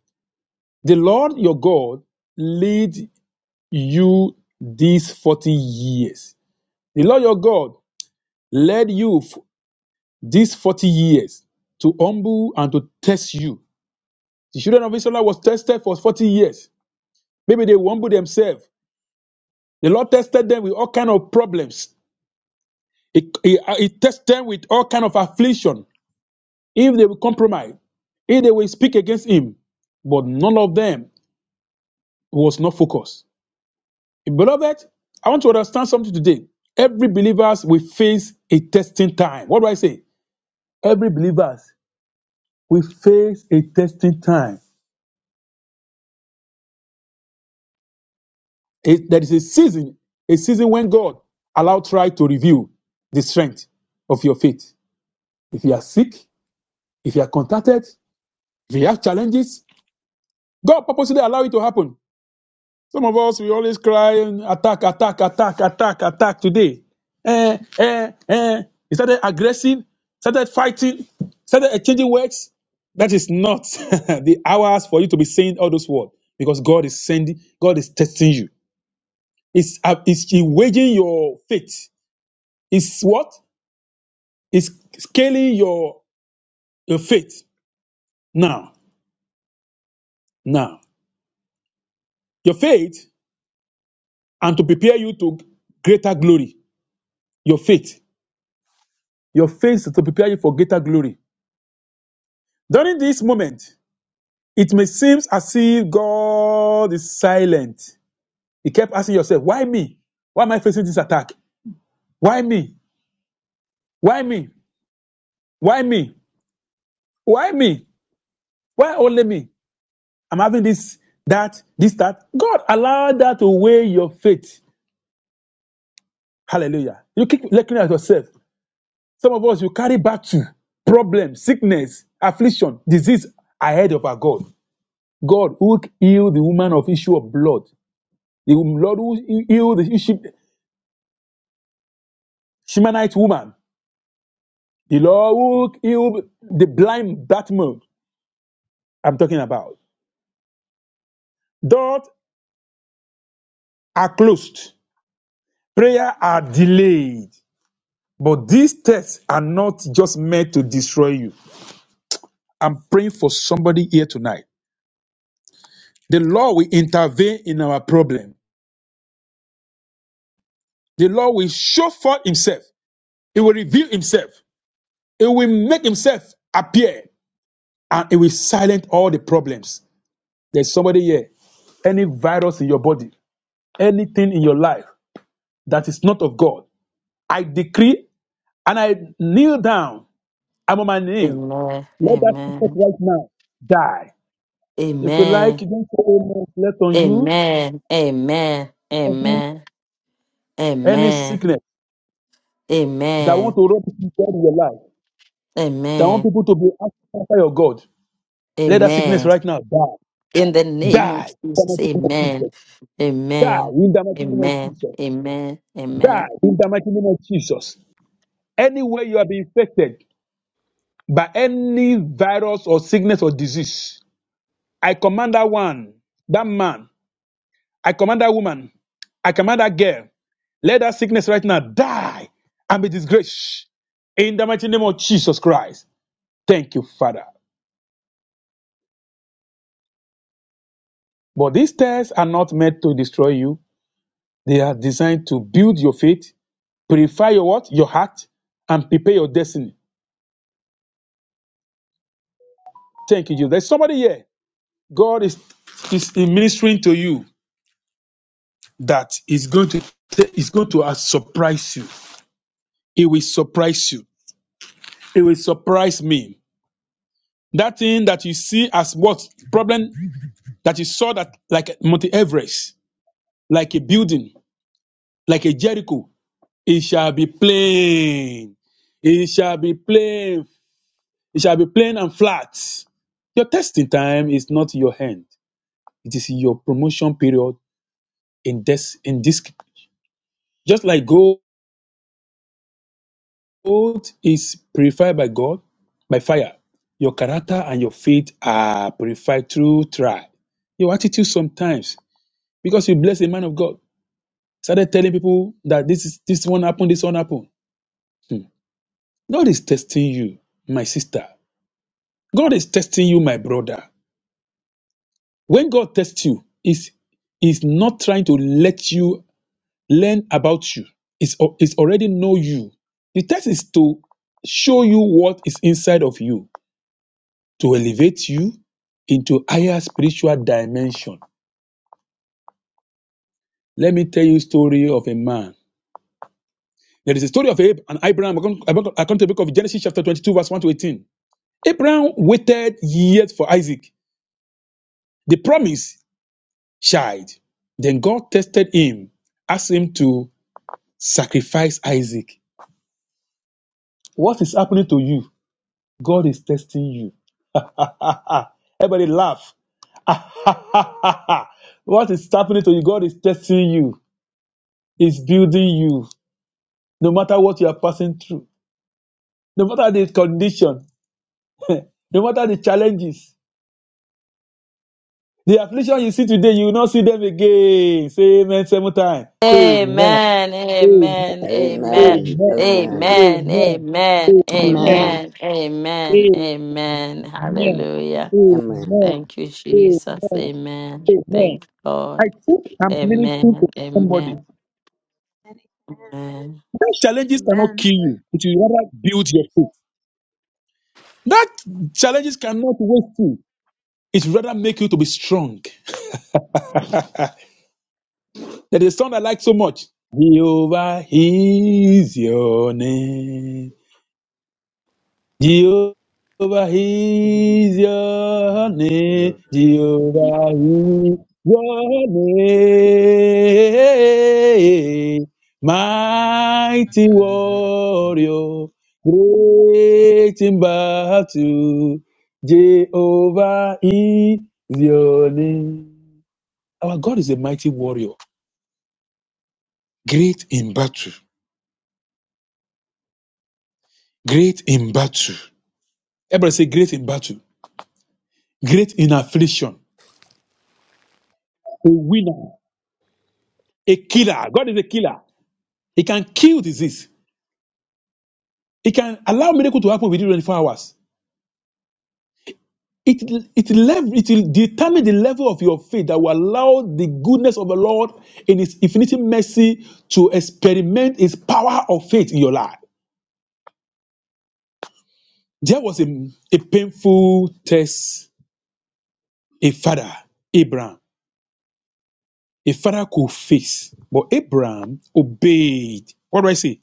Speaker 7: the Lord your God lead you these 40 years. The Lord your God led you these 40 years to humble and to test you. The children of Israel was tested for 40 years. Maybe they humbled themselves. The Lord tested them with all kind of problems. He, he, he tested them with all kind of affliction. If they will compromise, if they will speak against him, but none of them was not focused. Beloved, I want to understand something today. Every believers will face a testing time. What do I say? Every believers will face a testing time. It- there is a season, a season when God allow try to review the strength of your faith. If you are sick, if you are contacted, if you have challenges, God purposely allow it to happen. Some of us we always cry and attack, attack, attack, attack, attack today. Eh, eh, eh. He started aggressive, started fighting, started exchanging words. That is not the hours for you to be saying all those words because God is sending, God is testing you. It's, uh, it's waging your faith It's what? It's scaling your, your faith now, now. Your faith and to prepare you to greater glory. Your faith. Your faith to prepare you for greater glory. During this moment, it may seem as if God is silent. You kept asking yourself, why me? Why am I facing this attack? Why me? Why me? Why me? Why me? Why only me? I'm having this, that, this, that. God allowed that to weigh your faith Hallelujah. You keep looking at yourself. Some of us, you carry back to problems, sickness, affliction, disease ahead of our God. God who healed the woman of issue of blood, the Lord who healed the Shu- Shemanite woman, the Lord who healed the blind Bartimaeus. I'm talking about. Doors are closed, prayer are delayed, but these tests are not just meant to destroy you. I'm praying for somebody here tonight. The Lord will intervene in our problem. The Lord will show forth himself. He will reveal himself. He will make himself appear and it will silence all the problems. There's somebody here. Any virus in your body, anything in your life that is not of God, I decree and I kneel down. I'm on my knee. Let that sickness
Speaker 1: Amen.
Speaker 7: right now die. If you like,
Speaker 1: Amen.
Speaker 7: you don't say amen. Let
Speaker 1: Amen.
Speaker 7: on you
Speaker 1: Amen. Amen. Amen.
Speaker 7: any
Speaker 1: Amen.
Speaker 7: sickness that want
Speaker 1: Amen.
Speaker 7: to rob people in your life, that want
Speaker 1: Amen.
Speaker 7: people to be outside of God. Let that sickness
Speaker 1: Amen.
Speaker 7: right now die.
Speaker 1: In the name of
Speaker 7: Die in the
Speaker 1: Jesus.
Speaker 7: mighty name
Speaker 1: Amen.
Speaker 7: of Jesus. Die
Speaker 1: Amen.
Speaker 7: in the mighty name of
Speaker 1: Amen.
Speaker 7: Jesus.
Speaker 1: Amen. Amen.
Speaker 7: Die in the mighty name of Jesus. Anywhere you have been infected by any virus or sickness or disease, I command that one, that man, I command that woman, I command that girl, let that sickness right now die and be disgraced in the mighty name of Jesus Christ. Thank you, Father. But these tests are not meant to destroy you, they are designed to build your faith Purify your what? Your heart and prepare your destiny. Thank you, Jesus. There's somebody here. God is is ministering to you that is going to is going to uh, surprise you. It will surprise you. It will surprise me. That thing that you see as what problem that you saw that like Mount Everest, like a building, like a Jericho, it shall be plain. It shall be plain. It shall be plain and flat. Your testing time is not your hand. It is your promotion period in this in this just like gold is purified by God by fire. Your character and your faith are purified through trial. Your attitude sometimes, because you bless a man of God, started telling people that this is this one happened, this one happened. Hmm. God is testing you, my sister. God is testing you, my brother. When God tests you, is is not trying to let you learn about you it's, al- it's already know you the test is to show you what is inside of you to elevate you into higher spiritual dimension let me tell you a story of a man there is a story of Ab- and abraham i come I come- I come to the book of genesis chapter 22 verse 1 to 18 abraham waited years for isaac the promised child then god tested him asked him to sacrifice isaac what is happening to you god is testing you Everybody laugh. what is happening to you? God is testing you, is building you, no matter what you are passing through, no matter the condition, no matter the challenges. The affliction you see today, you will not see them again. Say amen seven times. Amen.
Speaker 1: Amen,
Speaker 7: Amen.
Speaker 1: amen, amen,
Speaker 8: Amen.
Speaker 7: Amen.
Speaker 8: Amen.
Speaker 1: amen,
Speaker 7: Amen.
Speaker 1: amen,
Speaker 7: Amen.
Speaker 8: Amen.
Speaker 5: Amen.
Speaker 1: amen, amen,
Speaker 7: Amen.
Speaker 1: amen.
Speaker 7: Amen.
Speaker 1: Hallelujah.
Speaker 8: Amen.
Speaker 7: Amen.
Speaker 1: Thank you, Jesus.
Speaker 7: Amen.
Speaker 1: Amen.
Speaker 7: Amen.
Speaker 1: Thank
Speaker 7: I
Speaker 1: God.
Speaker 7: think I'm ministering to
Speaker 1: Amen,
Speaker 7: somebody.
Speaker 1: amen,
Speaker 9: Amen.
Speaker 1: amen.
Speaker 7: That challenges
Speaker 9: Amen.
Speaker 7: cannot kill you. It will rather build your faith. That challenges cannot waste you. It will rather make you to be strong. Ah, There is a song I like so much. Jehovah is your name. Jehovah is your name.
Speaker 8: Amen.
Speaker 7: Jehovah is your name. Mighty warrior, great in battle. Jehovah is your name. Our God is a mighty warrior, great in battle, great in battle. Everybody say great in battle, great in affliction, a winner a killer. God is a killer. He can kill disease. He can allow miracle to happen within 24 hours. It, it, lev- it will determine the level of your faith that will allow the goodness of the Lord in His infinite mercy to experiment His power of faith in your life. There was a, a painful test a father, Abraham, a father could face, but Abraham obeyed. What do I say?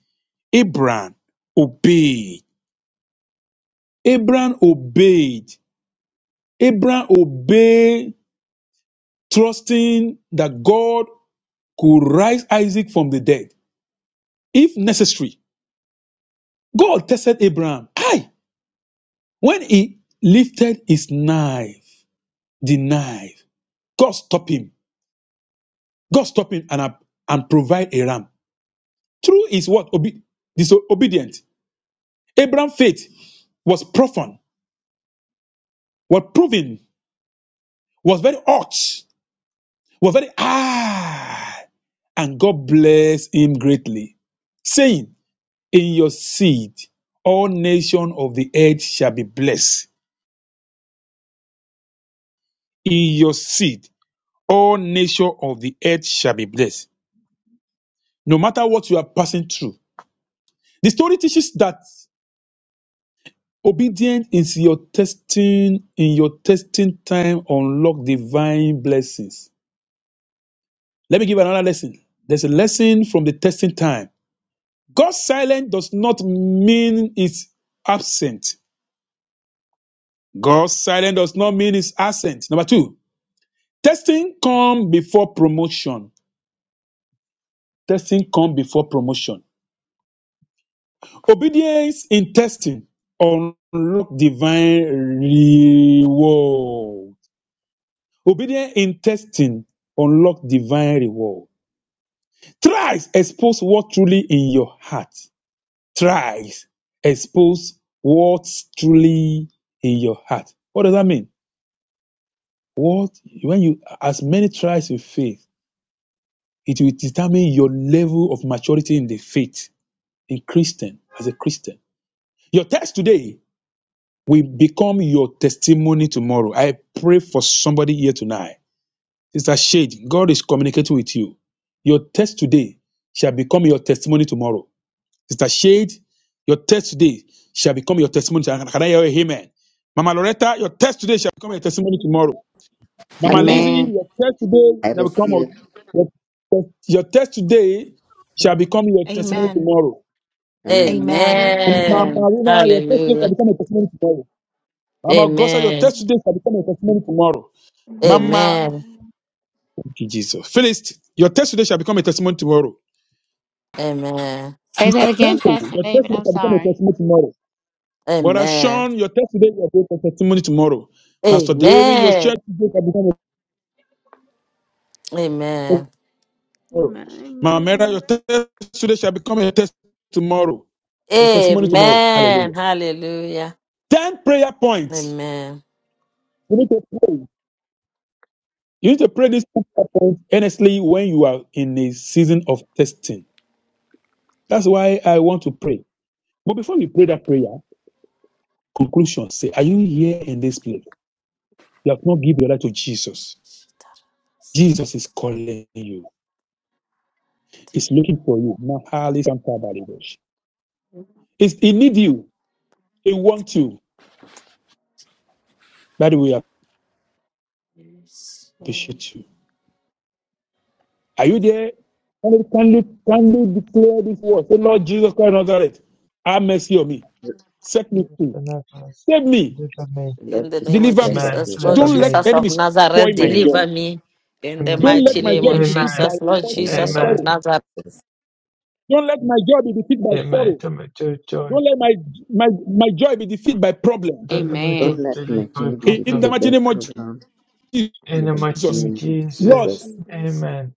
Speaker 7: Abraham obeyed. Abraham obeyed. Abraham obeyed, trusting that God could rise Isaac from the dead if necessary. God tested Abraham. Aye, when he lifted his knife, the knife, God stopped him. God stopped him and, and provide a ram. Through his what? Obe- disobedient. Abraham's faith was profound, was proven, was very hot, was very high. And God blessed him greatly, saying, In your seed, all nations of the earth shall be blessed. In your seed, all nations of the earth shall be blessed. No matter what you are passing through, the story teaches that obedience is your testing. In your testing time, unlock divine blessings. Let me give another lesson. There's a lesson from the testing time. God's silence does not mean it's absent. God's silence does not mean it's absent. Number two, Testing come before promotion. Testing come before promotion. Obedience in testing unlock divine reward. Obedience in testing unlock divine reward. Thrice expose what truly in your heart. Thrice expose what's truly in your heart. What does that mean? What when you as many tries you faith, it will determine your level of maturity in the faith. a Christian, as a Christian. Your test today will become your testimony tomorrow. I pray for somebody here tonight. Sister Shade, God is communicating with you. Your test today shall become your testimony tomorrow. Sister Shade, your test today shall become your testimony. tomorrow. Can I hear a amen? Mama Loretta, your test today
Speaker 9: Amen.
Speaker 7: shall become your testimony
Speaker 9: Amen.
Speaker 7: tomorrow. Mama Lizzie,
Speaker 8: Amen.
Speaker 5: Amen.
Speaker 7: your test today
Speaker 8: I
Speaker 7: shall become
Speaker 8: receive it.
Speaker 7: your, your, your test today shall
Speaker 10: Mm.
Speaker 7: become your testimony
Speaker 10: Amen.
Speaker 7: tomorrow.
Speaker 8: Amen.
Speaker 10: Amen.
Speaker 7: Mama
Speaker 10: Amen.
Speaker 1: Amen.
Speaker 7: Marina, your testimony shall
Speaker 1: Hallelujah.
Speaker 7: become a testimony tomorrow. Mama Gosa, your
Speaker 1: Amen,
Speaker 7: testimony shall become a testimony tomorrow.
Speaker 9: Amen.
Speaker 7: Mama,
Speaker 1: amen,
Speaker 7: thank you, Jesus. Phyllis, your testimony shall become a testimony tomorrow.
Speaker 1: amen,
Speaker 5: Say
Speaker 7: Sister
Speaker 5: that again,
Speaker 7: Temple,
Speaker 5: Pastor
Speaker 7: your
Speaker 5: David.
Speaker 7: testimony
Speaker 5: I'm
Speaker 7: shall become a
Speaker 5: sorry.
Speaker 7: testimony tomorrow. Brother
Speaker 1: amen,
Speaker 7: Sean, your testimony shall become a testimony tomorrow. Pastor David, your
Speaker 1: amen,
Speaker 7: test today shall become a testimony
Speaker 1: amen,
Speaker 7: tomorrow.
Speaker 9: Amen.
Speaker 7: Mama
Speaker 9: Amen. Amen.
Speaker 7: Mera, your
Speaker 9: Amen.
Speaker 7: testimony shall become a testimony tomorrow. Your testimony tomorrow. Hallelujah.
Speaker 1: amen. Hallelujah.
Speaker 7: Ten prayer points.
Speaker 1: Amen.
Speaker 7: We need to pray. You need to pray this book earnestly when you are in a season of testing. That's why I want to pray. But before we pray that prayer, conclusion say, Are you here in this place? You have not given your life to Jesus. Jesus is calling you, He's looking for you. Now, highly It's, He needs you, He wants you. That we
Speaker 1: Yes, Lord.
Speaker 7: appreciate you. Are you there? Can you, can you, can you declare this word? Say, Lord Jesus Christ, of Nazareth, have mercy on me. Set me
Speaker 2: Christ
Speaker 7: free.
Speaker 2: in heaven,
Speaker 7: Save me
Speaker 2: Deliver me.
Speaker 1: In
Speaker 8: Lord
Speaker 1: the name
Speaker 8: Jesus
Speaker 1: of
Speaker 7: Deliver
Speaker 8: Christ
Speaker 7: me.
Speaker 8: of
Speaker 2: Amen.
Speaker 1: Jesus, Lord
Speaker 2: Deliver
Speaker 8: Nazareth,
Speaker 7: Don't let
Speaker 2: me.
Speaker 1: Jesus
Speaker 9: Thank
Speaker 1: of
Speaker 7: enemies
Speaker 1: Nazareth,
Speaker 7: spoil
Speaker 8: hear
Speaker 7: my joy.
Speaker 1: deliver
Speaker 8: me,
Speaker 1: me. In the
Speaker 2: Amen.
Speaker 7: Don't
Speaker 8: deliver
Speaker 7: let
Speaker 1: mighty
Speaker 7: my
Speaker 1: name
Speaker 8: me,
Speaker 7: joy
Speaker 1: of
Speaker 7: be defeated by
Speaker 2: Amen.
Speaker 1: Jesus, Lord
Speaker 7: what?
Speaker 8: and the
Speaker 7: By
Speaker 1: Jesus
Speaker 8: mighty
Speaker 1: of
Speaker 8: name
Speaker 2: Amen.
Speaker 7: sorrow.
Speaker 1: Nazareth.
Speaker 8: of Jesus.
Speaker 7: Don't let my joy be defeated by
Speaker 2: Amen.
Speaker 7: sorrow.
Speaker 2: Don't let your joy.
Speaker 7: Don't let my my, my joy be defeated by problem.
Speaker 2: Don't let my joy
Speaker 8: Don't
Speaker 5: Amen.
Speaker 2: be
Speaker 8: let my
Speaker 2: delayed by a
Speaker 8: journey be
Speaker 7: In the
Speaker 2: problem.
Speaker 8: defeated
Speaker 7: mighty
Speaker 8: by
Speaker 7: name of
Speaker 8: problems.
Speaker 2: In
Speaker 8: In
Speaker 2: the
Speaker 8: the
Speaker 2: mighty
Speaker 8: mighty
Speaker 7: Jesus,
Speaker 2: name of
Speaker 8: name of
Speaker 7: Lord,
Speaker 2: Jesus.
Speaker 9: you,
Speaker 8: Jesus.
Speaker 9: Jesus.
Speaker 2: Amen.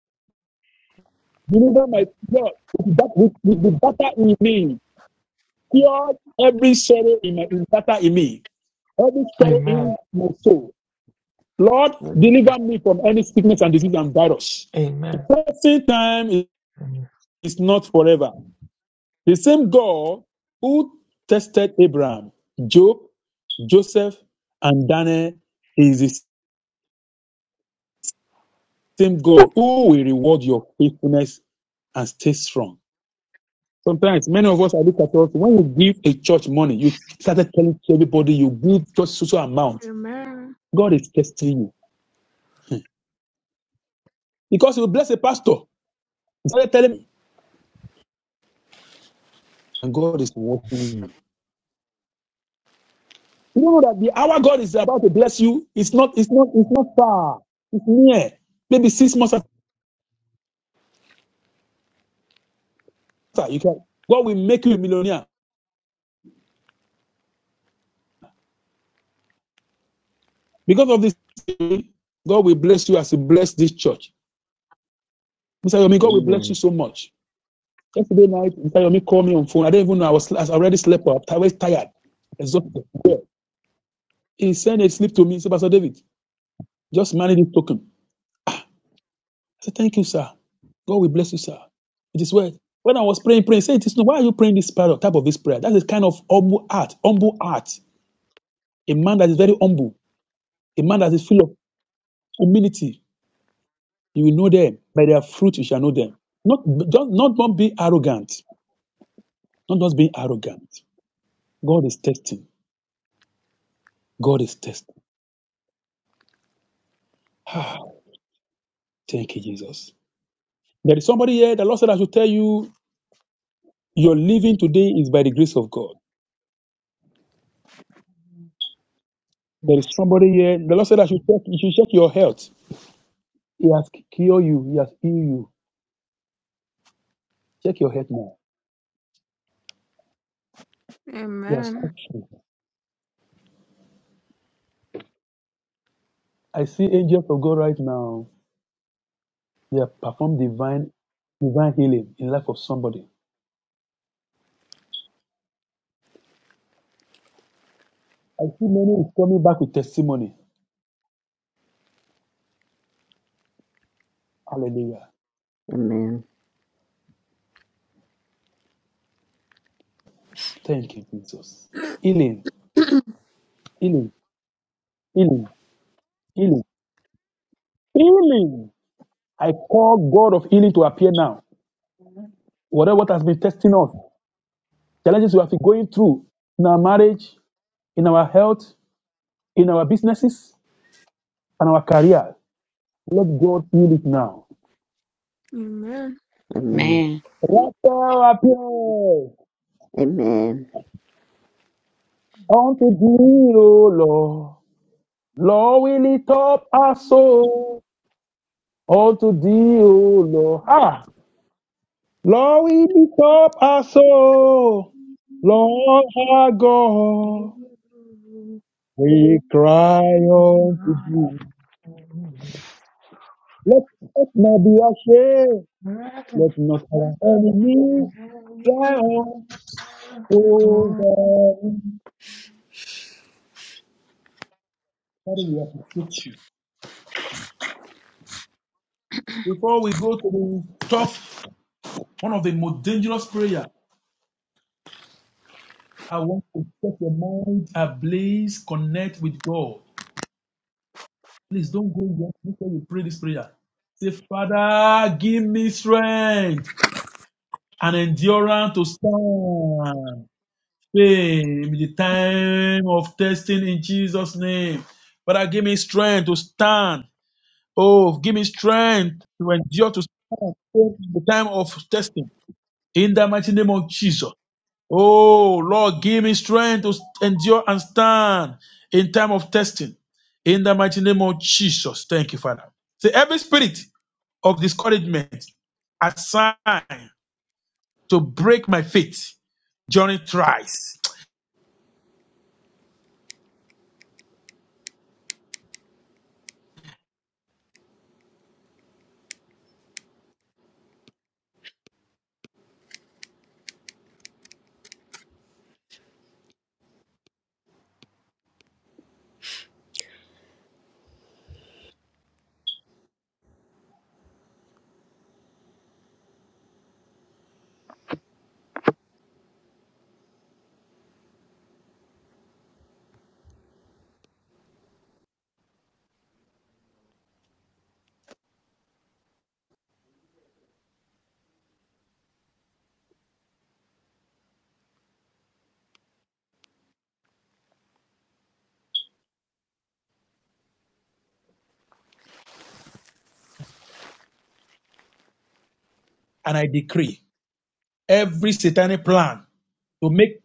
Speaker 7: deliver my Lord with that with, with the battle in me. Cure every sorrow in my in battle in me. Every sorrow in
Speaker 2: Amen.
Speaker 7: my soul. Lord,
Speaker 8: Amen.
Speaker 7: deliver me from any sickness and disease and virus. The
Speaker 2: Amen.
Speaker 7: present time
Speaker 2: Amen.
Speaker 7: is not forever. The same God who tested Abraham, Job, Joseph, and Daniel is the same God who will reward your faithfulness and stay strong. Sometimes many of us are looking at us when you give a church money, you started telling everybody you give just so so amount.
Speaker 9: Amen.
Speaker 7: God is testing you because you bless a pastor. You started telling him, and God is working you. You know that the hour God is about to bless you It's not, it's not, it's not far. It's near. Maybe six months matter. You can God will make you a millionaire because of this. God will bless you as He blessed this church. Mr. Yomi, God will bless you
Speaker 8: Amen.
Speaker 7: so much. Yesterday night, Mr. Yomi called me on phone. I didn't even know I was. I already slept up. I was tired, exhausted. Yeah. He sent a slip to me. He said, Pastor David, just manage this token. I said, Thank you, sir. God will bless you, sir. It is well. When I was praying, praying, say it is no. Why are you praying this prayer, type of this prayer? That is kind of humble art, humble art. A man that is very humble, a man that is full of humility, You will know them. By their fruit, you shall know them. Not, don't, not, not be arrogant. Not just being arrogant. God is testing. God is testing. Ah, thank you, Jesus. There is somebody here, the Lord said, I should tell you, your living today is by the grace of God. There is somebody here, the Lord said, I should check, you should check your health. He has cured you, He has healed you. Check your health now. He
Speaker 9: Amen.
Speaker 7: has touched you. I see angels of God right now. They have performed divine divine healing in the life of somebody. I see many is coming back with testimony. Hallelujah.
Speaker 8: Amen.
Speaker 7: Thank you, Jesus. Healing, healing, healing, healing, healing. I call God of healing to appear now. Whatever what has been testing us, challenges we have been going through in our marriage, in our health, in our businesses, and our career. Let God heal it now.
Speaker 9: Amen.
Speaker 8: Amen.
Speaker 5: Man,
Speaker 7: Let thou appear
Speaker 8: Amen.
Speaker 7: unto thee, O Lord. Lord, we lift up our soul unto thee, O Lord. Ah, Lord, we lift up our soul. Lord, our God, we cry unto thee. Let us not be ashamed. Let not our enemies triumph over me. Father, we appreciate you. Before we go to the top, one of the most dangerous prayer, I want to set your mind ablaze, connect with God. Please don't go yet before you pray this prayer. Say, Father, give me strength and endurance to stand. Fame in the time of testing in Jesus' name. Father, give me strength to stand. Oh, give me strength to endure to stand in the time of testing. In the mighty name of Jesus. Oh, Lord, give me strength to endure and stand in time of testing. In the mighty name of Jesus. Thank you, Father. Say, every spirit of discouragement assigned to break my faith during tries, and I decree every satanic plan to make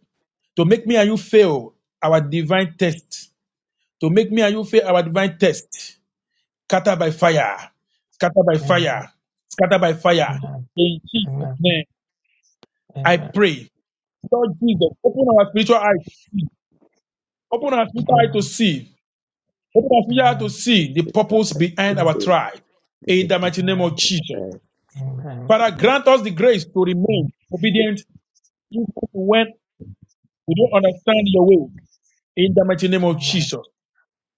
Speaker 7: to make me and you fail our divine test, to make me and you fail our divine test, scatter by fire, scatter by
Speaker 2: Amen.
Speaker 7: fire, scatter by fire.
Speaker 2: Amen.
Speaker 7: In Jesus'
Speaker 2: Amen.
Speaker 7: name. I
Speaker 2: Amen.
Speaker 7: pray, Lord Jesus, open our spiritual eye to see. Open our spiritual eye to
Speaker 2: Amen.
Speaker 7: see. Open our spiritual eye to
Speaker 2: Amen.
Speaker 8: The
Speaker 7: see the
Speaker 8: spirit of
Speaker 7: purpose behind
Speaker 2: Amen.
Speaker 7: our
Speaker 8: success,
Speaker 7: tribe.
Speaker 8: the
Speaker 7: In the
Speaker 8: people
Speaker 7: mighty name of
Speaker 2: Amen.
Speaker 7: Jesus.
Speaker 8: strive.
Speaker 2: Amen.
Speaker 7: Father, grant us the grace to remain obedient even when we don't understand your way. In the mighty name of
Speaker 2: Amen.
Speaker 7: Jesus.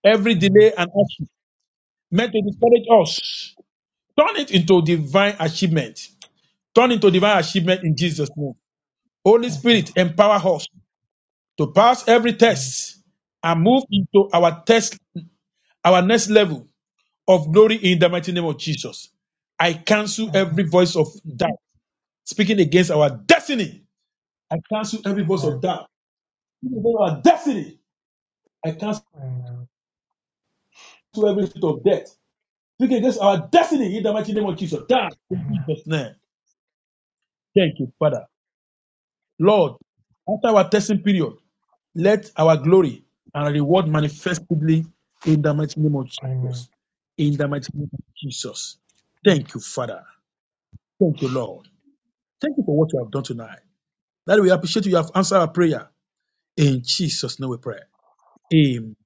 Speaker 7: Every
Speaker 2: Amen.
Speaker 7: delay and action meant to discourage us, turn it into divine achievement. Turn into divine achievement in Jesus' name. Holy
Speaker 2: Amen.
Speaker 7: Spirit, empower us To pass every
Speaker 2: Amen.
Speaker 7: test and move into our test, our next level of glory in the mighty name of Jesus. I cancel
Speaker 2: Amen.
Speaker 7: every voice of doubt speaking against our destiny. I cancel every voice of doubt speaking against our destiny. I cancel
Speaker 2: Amen.
Speaker 7: every spirit of death speaking against our destiny in the mighty name of Jesus. Die in Jesus' name. Thank you, Father. Lord, after our testing period, Let our glory and reward manifestly in the mighty name of
Speaker 2: Amen.
Speaker 7: Jesus. In the mighty name of Jesus. Thank you, Father. Thank you, Lord. Thank you for what you have done tonight. That we appreciate you have answered our prayer. In Jesus' name we pray. Amen.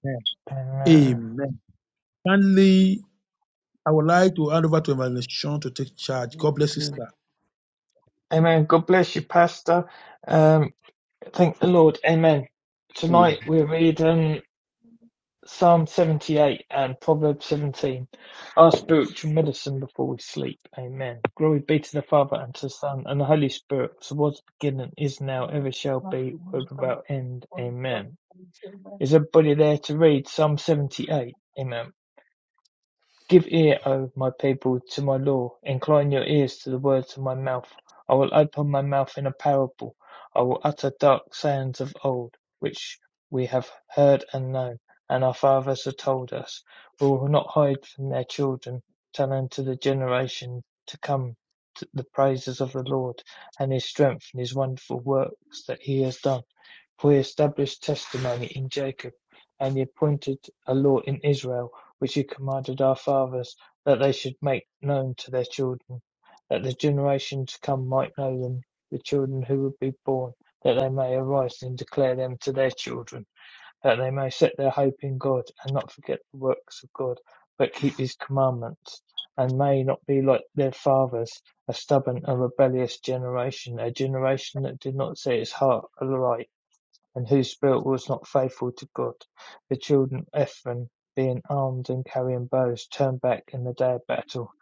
Speaker 2: Amen.
Speaker 7: Amen. Finally, I would like to hand over to Evangelist Sean to take charge. God bless you,
Speaker 8: Amen.
Speaker 7: sir.
Speaker 2: Amen. God bless you, Pastor. Um, thank the Lord. Amen.
Speaker 8: Amen.
Speaker 2: Tonight we're reading Psalm 78 and Proverbs 17, our spiritual medicine before we sleep. Amen. Glory be to the Father and to the Son and the Holy Spirit, as was the beginning, is now, ever shall be, world without end. Amen. Is anybody there to read Psalm seventy-eight? Amen. Give ear, O my people, to my law. Incline your ears to the words of my mouth. I will open my mouth in a parable. I will utter dark sayings of old, which we have heard and known, and our fathers have told us. We will not hide from their children, telling to the generation to come t- the praises of the Lord and his strength and his wonderful works that he has done for he established testimony in Jacob, and he appointed a law in Israel, which he commanded our fathers, that they should make known to their children, that the generation to come might know them, the children who would be born, that they may arise and declare them to their children, that they may set their hope in God, and not forget the works of God, but keep his commandments, and may not be like their fathers, a stubborn and rebellious generation, a generation that did not set its heart aright and whose spirit was not faithful to God. The children of Ephraim, being armed and carrying bows, turned back in the day of battle.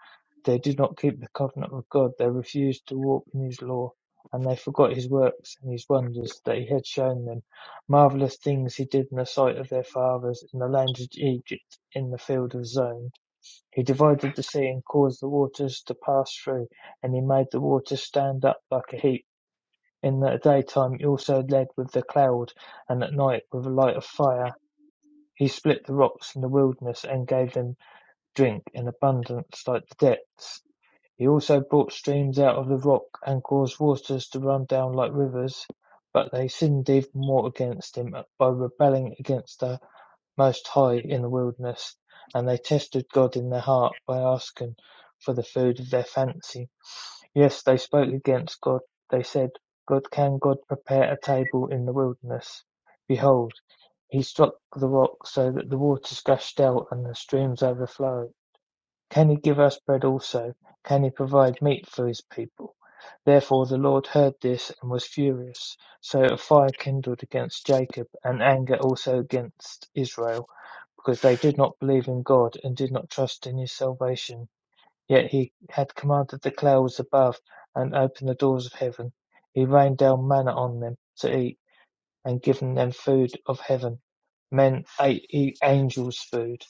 Speaker 2: They did not keep the covenant of God. They refused to walk in his law, and they forgot his works and his wonders that he had shown them. Marvelous things he did in the sight of their fathers in the land of Egypt, in the field of Zone. He divided the sea and caused the waters to pass through, and he made the waters stand up like a heap. In the daytime he also led with the cloud, and at night with the light of fire. He split the rocks in the wilderness and gave them drink in abundance like the depths. He also brought streams out of the rock and caused waters to run down like rivers. But they sinned even more against him by rebelling against the Most High in the wilderness, and they tested God in their heart by asking for the food of their fancy. Yes, they spoke against God. They said, God can God prepare a table in the wilderness? Behold, he struck the rock so that the waters gushed out and the streams overflowed. Can he give us bread also? Can he provide meat for his people? Therefore the Lord heard this and was furious. So a fire kindled against Jacob and anger also against Israel, because they did not believe in God and did not trust in his salvation. Yet he had commanded the clouds above, and opened the doors of heaven; he rained down manna on them to eat, and given them food of heaven. Men ate e- angels' food;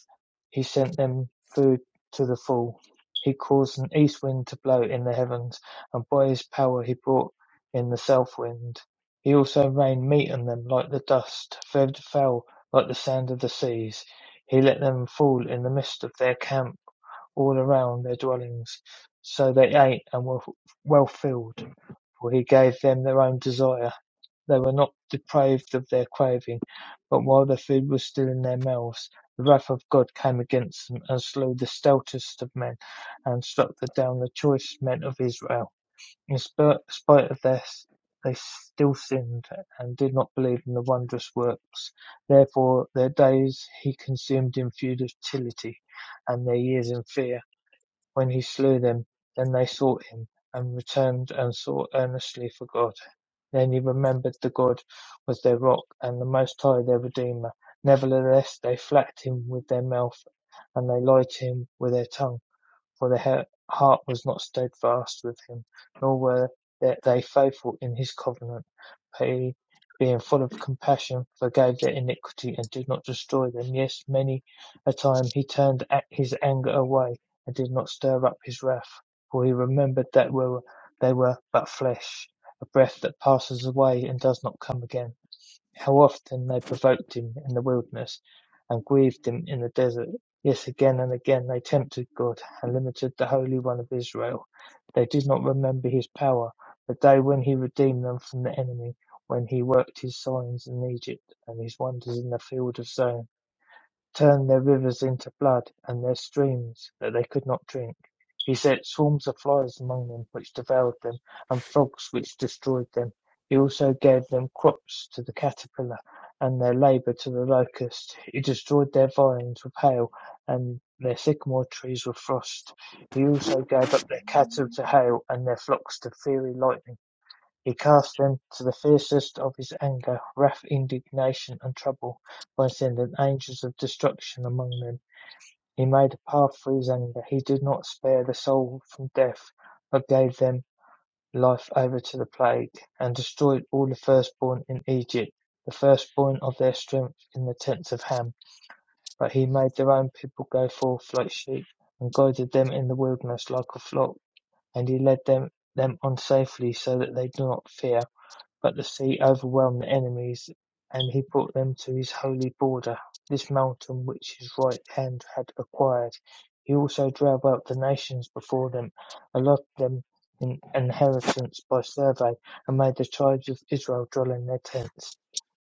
Speaker 2: he sent them food to the full. He caused an east wind to blow in the heavens, and by his power he brought in the south wind. He also rained meat on them like the dust, feathered fowl like the sand of the seas. He let them fall in the midst of their camp all around their dwellings. So they ate and were well filled, for he gave them their own desire. They were not depraved of their craving, but while the food was still in their mouths, the wrath of God came against them and slew the stoutest of men and struck down the choice men of Israel. In spite of this, they still sinned and did not believe in the wondrous works. Therefore, their days he consumed in futility and their years in fear when he slew them. Then they sought him, and returned and sought earnestly for God. Then he remembered that God was their rock, and the Most High their Redeemer. Nevertheless, they flattered him with their mouth, and they lied to him with their tongue for their heart was not steadfast with him, nor were they faithful in his covenant. But he, being full of compassion, forgave their iniquity and did not destroy them. Yes, many a time he turned his anger away and did not stir up his wrath, for he remembered that they were but flesh, a breath that passes away and does not come again. How often they provoked him in the wilderness, and grieved him in the desert! Yes, again and again they tempted God, and limited the Holy One of Israel. They did not remember his power, the day when he redeemed them from the enemy, when he worked his signs in Egypt, and his wonders in the field of Zoan turned their rivers into blood, and their streams, that they could not drink. He set swarms of flies among them, which devoured them, and frogs, which destroyed them. He also gave them crops to the caterpillar, and their labor to the locust. He destroyed their vines with hail, and their sycamore trees with frost. He also gave up their cattle to hail, and their flocks to fiery lightning. He cast them to the fiercest of his anger, wrath, indignation, and trouble, by sending angels of destruction among them. He made a path for his anger. He did not spare the soul from death, but gave them life over to the plague, and destroyed all the firstborn in Egypt, the firstborn of their strength in the tents of Ham. But he made their own people go forth like sheep, and guided them in the wilderness like a flock, and he led them, them on safely, so that they do not fear. But the sea overwhelmed the enemies, and he brought them to his holy border, this mountain which his right hand had acquired. He also drove out the nations before them, allotted them in inheritance by survey, and made the tribes of Israel dwell in their tents.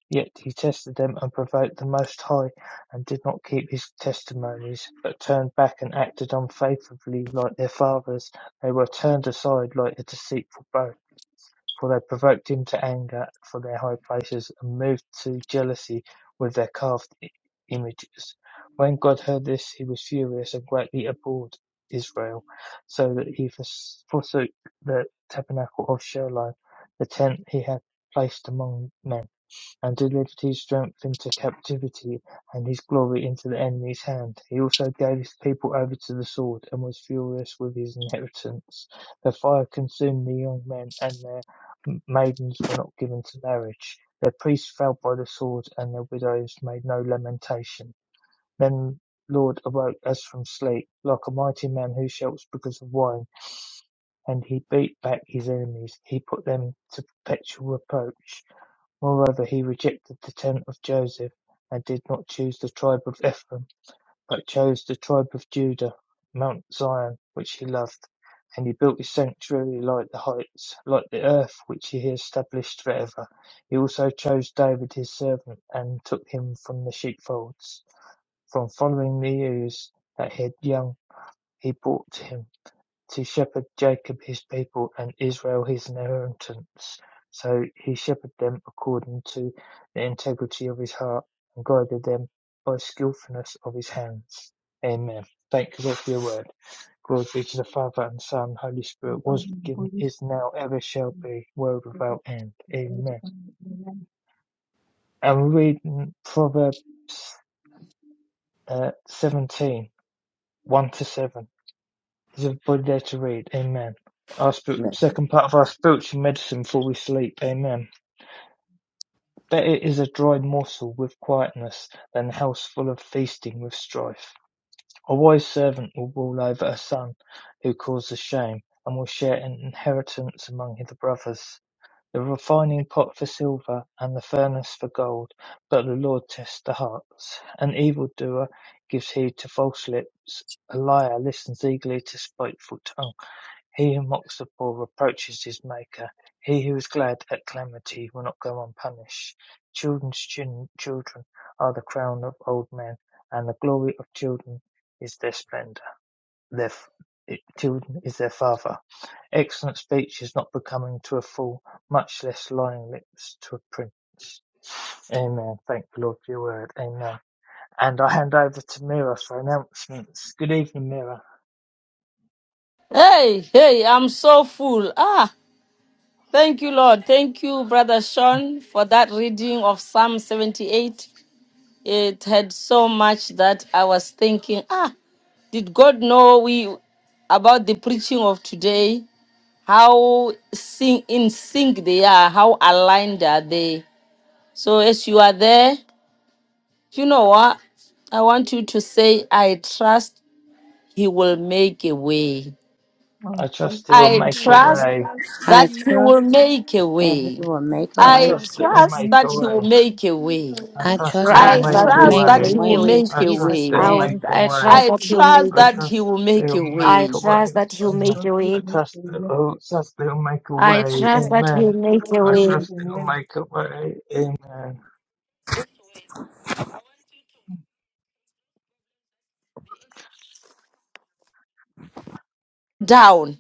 Speaker 2: Yet he tested them and provoked the Most High, and did not keep his testimonies, but turned back and acted unfaithfully like their fathers. They were turned aside like a deceitful bow for they provoked him to anger for their high places, and moved to jealousy with their carved i- images. When God heard this, he was furious and greatly abhorred Israel, so that he fors- forsook the tabernacle of Shiloh, the tent he had placed among men. And delivered his strength into captivity, and his glory into the enemy's hand. He also gave his people over to the sword, and was furious with his inheritance. The fire consumed the young men, and their maidens were not given to marriage. Their priests fell by the sword, and their widows made no lamentation. Then Lord awoke as from sleep, like a mighty man who shouts because of wine, and he beat back his enemies. He put them to perpetual reproach Moreover he rejected the tent of Joseph, and did not choose the tribe of Ephraim, but chose the tribe of Judah, mount Zion, which he loved. And he built his sanctuary like the heights, like the earth which he established forever. He also chose David his servant, and took him from the sheepfolds, from following the ewes that had young, he brought him to shepherd Jacob his people and Israel his inheritance. So he shepherded them according to the integrity of his heart and guided them by skillfulness of his hands. Amen. Thank you Lord for your word. Glory be to the Father and Son, and Holy Spirit, was given, is now, ever shall be, world without end. Amen. And we read Proverbs uh, 17, one to 7. Give body there to read. Amen. Our spirit, second part of our spiritual medicine before we sleep. Amen. Better is a dry morsel with quietness than a house full of feasting with strife. A wise servant will rule over a son who causes shame and will share an inheritance among his brothers. The refining pot for silver and the furnace for gold, but the Lord tests the hearts. An evildoer gives heed to false lips. A liar listens eagerly to spiteful tongue. He who mocks the poor reproaches his Maker. He who is glad at calamity will not go unpunished. Children's chil- children are the crown of old men, and the glory of children is their splendor. Their f- eh, children is their father. Excellent speech is not becoming to a fool, much less lying lips to a prince. Amen. Thank the Lord for your word. Amen. And I hand over to Mira for announcements. Good evening, Mira.
Speaker 1: Hey, hey, I'm so full. Ah, thank you, Lord. Thank you, Brother Sean, for that reading of Psalm 78. It had so much that I was thinking, ah, did God know we about the preaching of today? How sing in sync they are, how aligned are they? So as you are there, you know what? I want you to say, I trust he will make a way.
Speaker 11: I'll
Speaker 2: I
Speaker 11: trust
Speaker 2: trust it will
Speaker 11: in
Speaker 1: I
Speaker 11: make
Speaker 9: May
Speaker 2: make
Speaker 11: a
Speaker 2: a
Speaker 9: you
Speaker 11: way.
Speaker 9: I
Speaker 1: trust
Speaker 2: way.
Speaker 9: trust you
Speaker 5: I
Speaker 9: will
Speaker 1: that he
Speaker 9: make a
Speaker 1: will
Speaker 5: trust
Speaker 9: way.
Speaker 1: make a
Speaker 5: that He
Speaker 1: way.
Speaker 5: will
Speaker 11: I
Speaker 5: make a
Speaker 2: I
Speaker 11: trust
Speaker 1: I
Speaker 5: way.
Speaker 11: that
Speaker 2: trust
Speaker 11: God
Speaker 2: that you'll
Speaker 11: will
Speaker 1: trust
Speaker 11: make
Speaker 2: make
Speaker 1: that
Speaker 2: a
Speaker 11: a
Speaker 1: he
Speaker 2: way.
Speaker 1: will
Speaker 11: way.
Speaker 1: make a
Speaker 9: Make
Speaker 1: way.
Speaker 9: a
Speaker 2: I
Speaker 11: I
Speaker 5: I
Speaker 9: way.
Speaker 2: trust that
Speaker 5: trust
Speaker 11: trust
Speaker 5: that
Speaker 2: you'll
Speaker 1: I
Speaker 12: trust
Speaker 11: that
Speaker 2: make
Speaker 5: God
Speaker 12: that
Speaker 11: He
Speaker 5: will
Speaker 2: a
Speaker 12: he
Speaker 11: will
Speaker 1: trust
Speaker 12: will
Speaker 5: make
Speaker 11: make a
Speaker 5: a
Speaker 1: that
Speaker 2: way.
Speaker 1: he
Speaker 12: make
Speaker 11: way.
Speaker 1: will
Speaker 5: way
Speaker 12: a
Speaker 5: in
Speaker 12: way.
Speaker 1: make
Speaker 2: I
Speaker 1: a
Speaker 9: Make a
Speaker 2: trust
Speaker 5: Jesus'
Speaker 2: that
Speaker 1: way.
Speaker 2: you'll
Speaker 12: I,
Speaker 9: way.
Speaker 12: will-
Speaker 11: I
Speaker 2: make
Speaker 5: name.
Speaker 2: a
Speaker 12: I
Speaker 11: trust
Speaker 2: way.
Speaker 11: that
Speaker 12: trust
Speaker 1: I
Speaker 12: that he'll make
Speaker 1: trust
Speaker 2: I
Speaker 1: that he
Speaker 2: trust
Speaker 1: will
Speaker 2: that
Speaker 1: make
Speaker 2: you'll
Speaker 1: a
Speaker 2: make
Speaker 12: I
Speaker 1: way.
Speaker 2: a
Speaker 12: trust
Speaker 2: way.
Speaker 12: that he'll
Speaker 2: And
Speaker 12: make a
Speaker 11: He will
Speaker 12: way.
Speaker 2: I
Speaker 11: make
Speaker 2: trust
Speaker 11: a
Speaker 2: that
Speaker 11: way.
Speaker 2: you'll, trust that you'll make a
Speaker 9: I
Speaker 12: I
Speaker 9: trust
Speaker 2: way.
Speaker 11: I
Speaker 12: trust
Speaker 9: that
Speaker 12: that
Speaker 9: you
Speaker 11: trust
Speaker 9: make
Speaker 12: he'll
Speaker 2: Amen.
Speaker 9: a
Speaker 11: that
Speaker 12: make
Speaker 11: He
Speaker 12: a
Speaker 9: way.
Speaker 2: I
Speaker 11: will make a way. I trust that He will
Speaker 12: way.
Speaker 11: make
Speaker 2: trust
Speaker 11: a
Speaker 2: that you'll
Speaker 11: way.
Speaker 2: make a way. Amen.
Speaker 1: Down.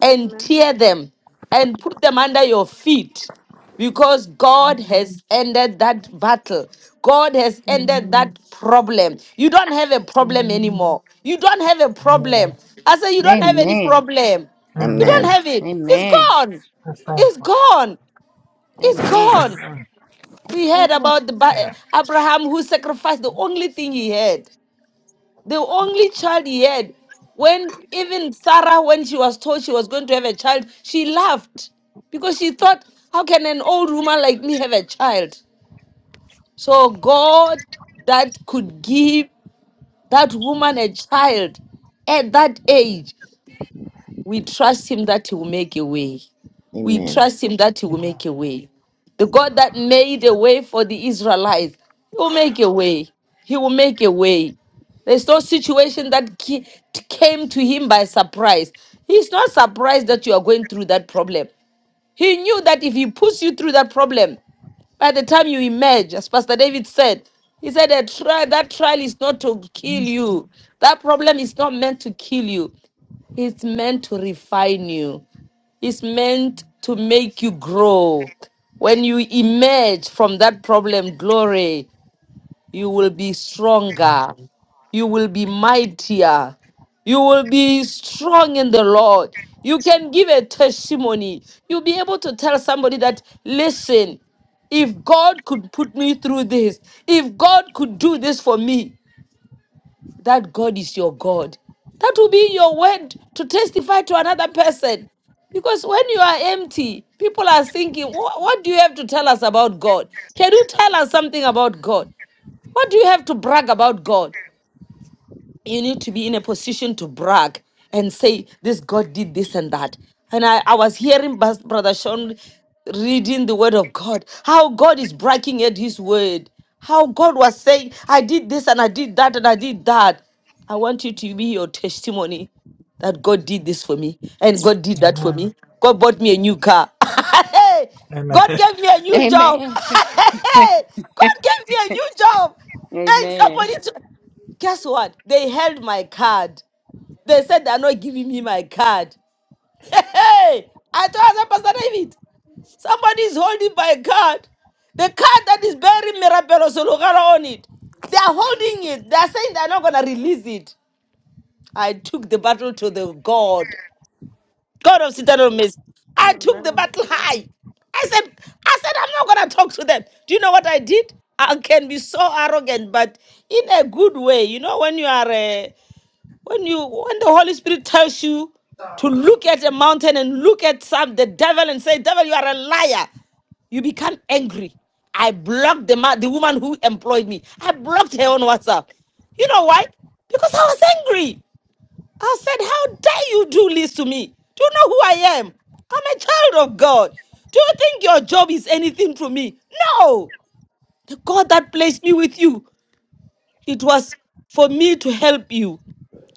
Speaker 1: and
Speaker 9: Amen.
Speaker 1: tear them and put them under your feet because God has
Speaker 11: Amen.
Speaker 1: ended that battle. God has ended that
Speaker 11: Amen.
Speaker 1: problem. You don't have a problem
Speaker 11: Amen.
Speaker 1: anymore. You don't have a problem.
Speaker 2: Amen.
Speaker 1: I say you don't have
Speaker 11: Amen.
Speaker 1: any
Speaker 5: Amen.
Speaker 1: problem. You
Speaker 8: Amen.
Speaker 1: don't
Speaker 2: Amen.
Speaker 1: have it. It's
Speaker 5: Amen.
Speaker 1: gone.
Speaker 2: That's that
Speaker 1: It's
Speaker 2: one.
Speaker 1: gone. It's
Speaker 5: Amen.
Speaker 1: gone.
Speaker 2: Amen.
Speaker 1: We heard about the Bi-
Speaker 2: That.
Speaker 1: Abraham who sacrificed the only thing he had the only child he had when even sarah when she was told she was going to have a child she laughed because she thought how can an old woman like me have a child so god that could give that woman a child at that age we trust him that he will make a way we
Speaker 8: Amen.
Speaker 1: trust him that he will
Speaker 2: Amen.
Speaker 1: make a way. The God that made a way for the Israelites, he will make a way. He will make a way. There's no situation that ca- came to him by surprise. He's not surprised that you are going through that problem. He knew that if he puts you through that problem, by the time you emerge, as Pastor David said, he said that trial, that trial is not to kill you. That problem is not meant to kill you. It's meant to refine you is meant to make you grow. When you emerge from that problem, glory, you will be
Speaker 2: Amen.
Speaker 1: stronger. You will be mightier. You will be strong in the Lord. You can give a testimony. You'll be able to tell somebody that, listen, if God could put me through this, if God could do this for me, that God is your God. That will be your word to testify to another person. Because when you are empty, people are thinking, "Wha- what do you have to tell us about God? Can you tell us something about God? What do you have to brag about God? you need to be in a position to brag and say this god did this and that and i, I was hearing Bas- brother sean reading the word of god how god is bragging at his word how god was saying i did this and i did that and i did that i want you to be your testimony that god did this for me and god did that for
Speaker 2: Amen. Amen.
Speaker 1: me god bought me a new car Hey,
Speaker 2: Amen.
Speaker 1: god gave me a new job
Speaker 5: Amen.
Speaker 1: Hey, god gave me a new job and
Speaker 5: Amen.
Speaker 1: somebody Guess what? They held my card. They said they're not giving me my card. Hey, I told them, Pastor David, somebody is holding my card. The card that is bearing Mirabelos Olugaro on it. They are holding it. They are saying they're not going to release it. I took the battle to the God, God of Citadel Mist. I took the
Speaker 9: Amen.
Speaker 1: battle high. I said, I said, I'm not gonna talk to them. Do you know what I did? I can be so arrogant, but in a good way. You know, when you are uh, When you when the Holy Spirit tells you to look at a mountain and look at some the devil and say, Devil, you are a liar, you become angry. I blocked the ma- the woman who employed me. I blocked her on WhatsApp. You know why? Because I was angry. I said, How dare you do this to me? Do you know who I am? I'm a child of God. Do you think your job is anything to me? No. The God that placed me with you, it was for me to help you.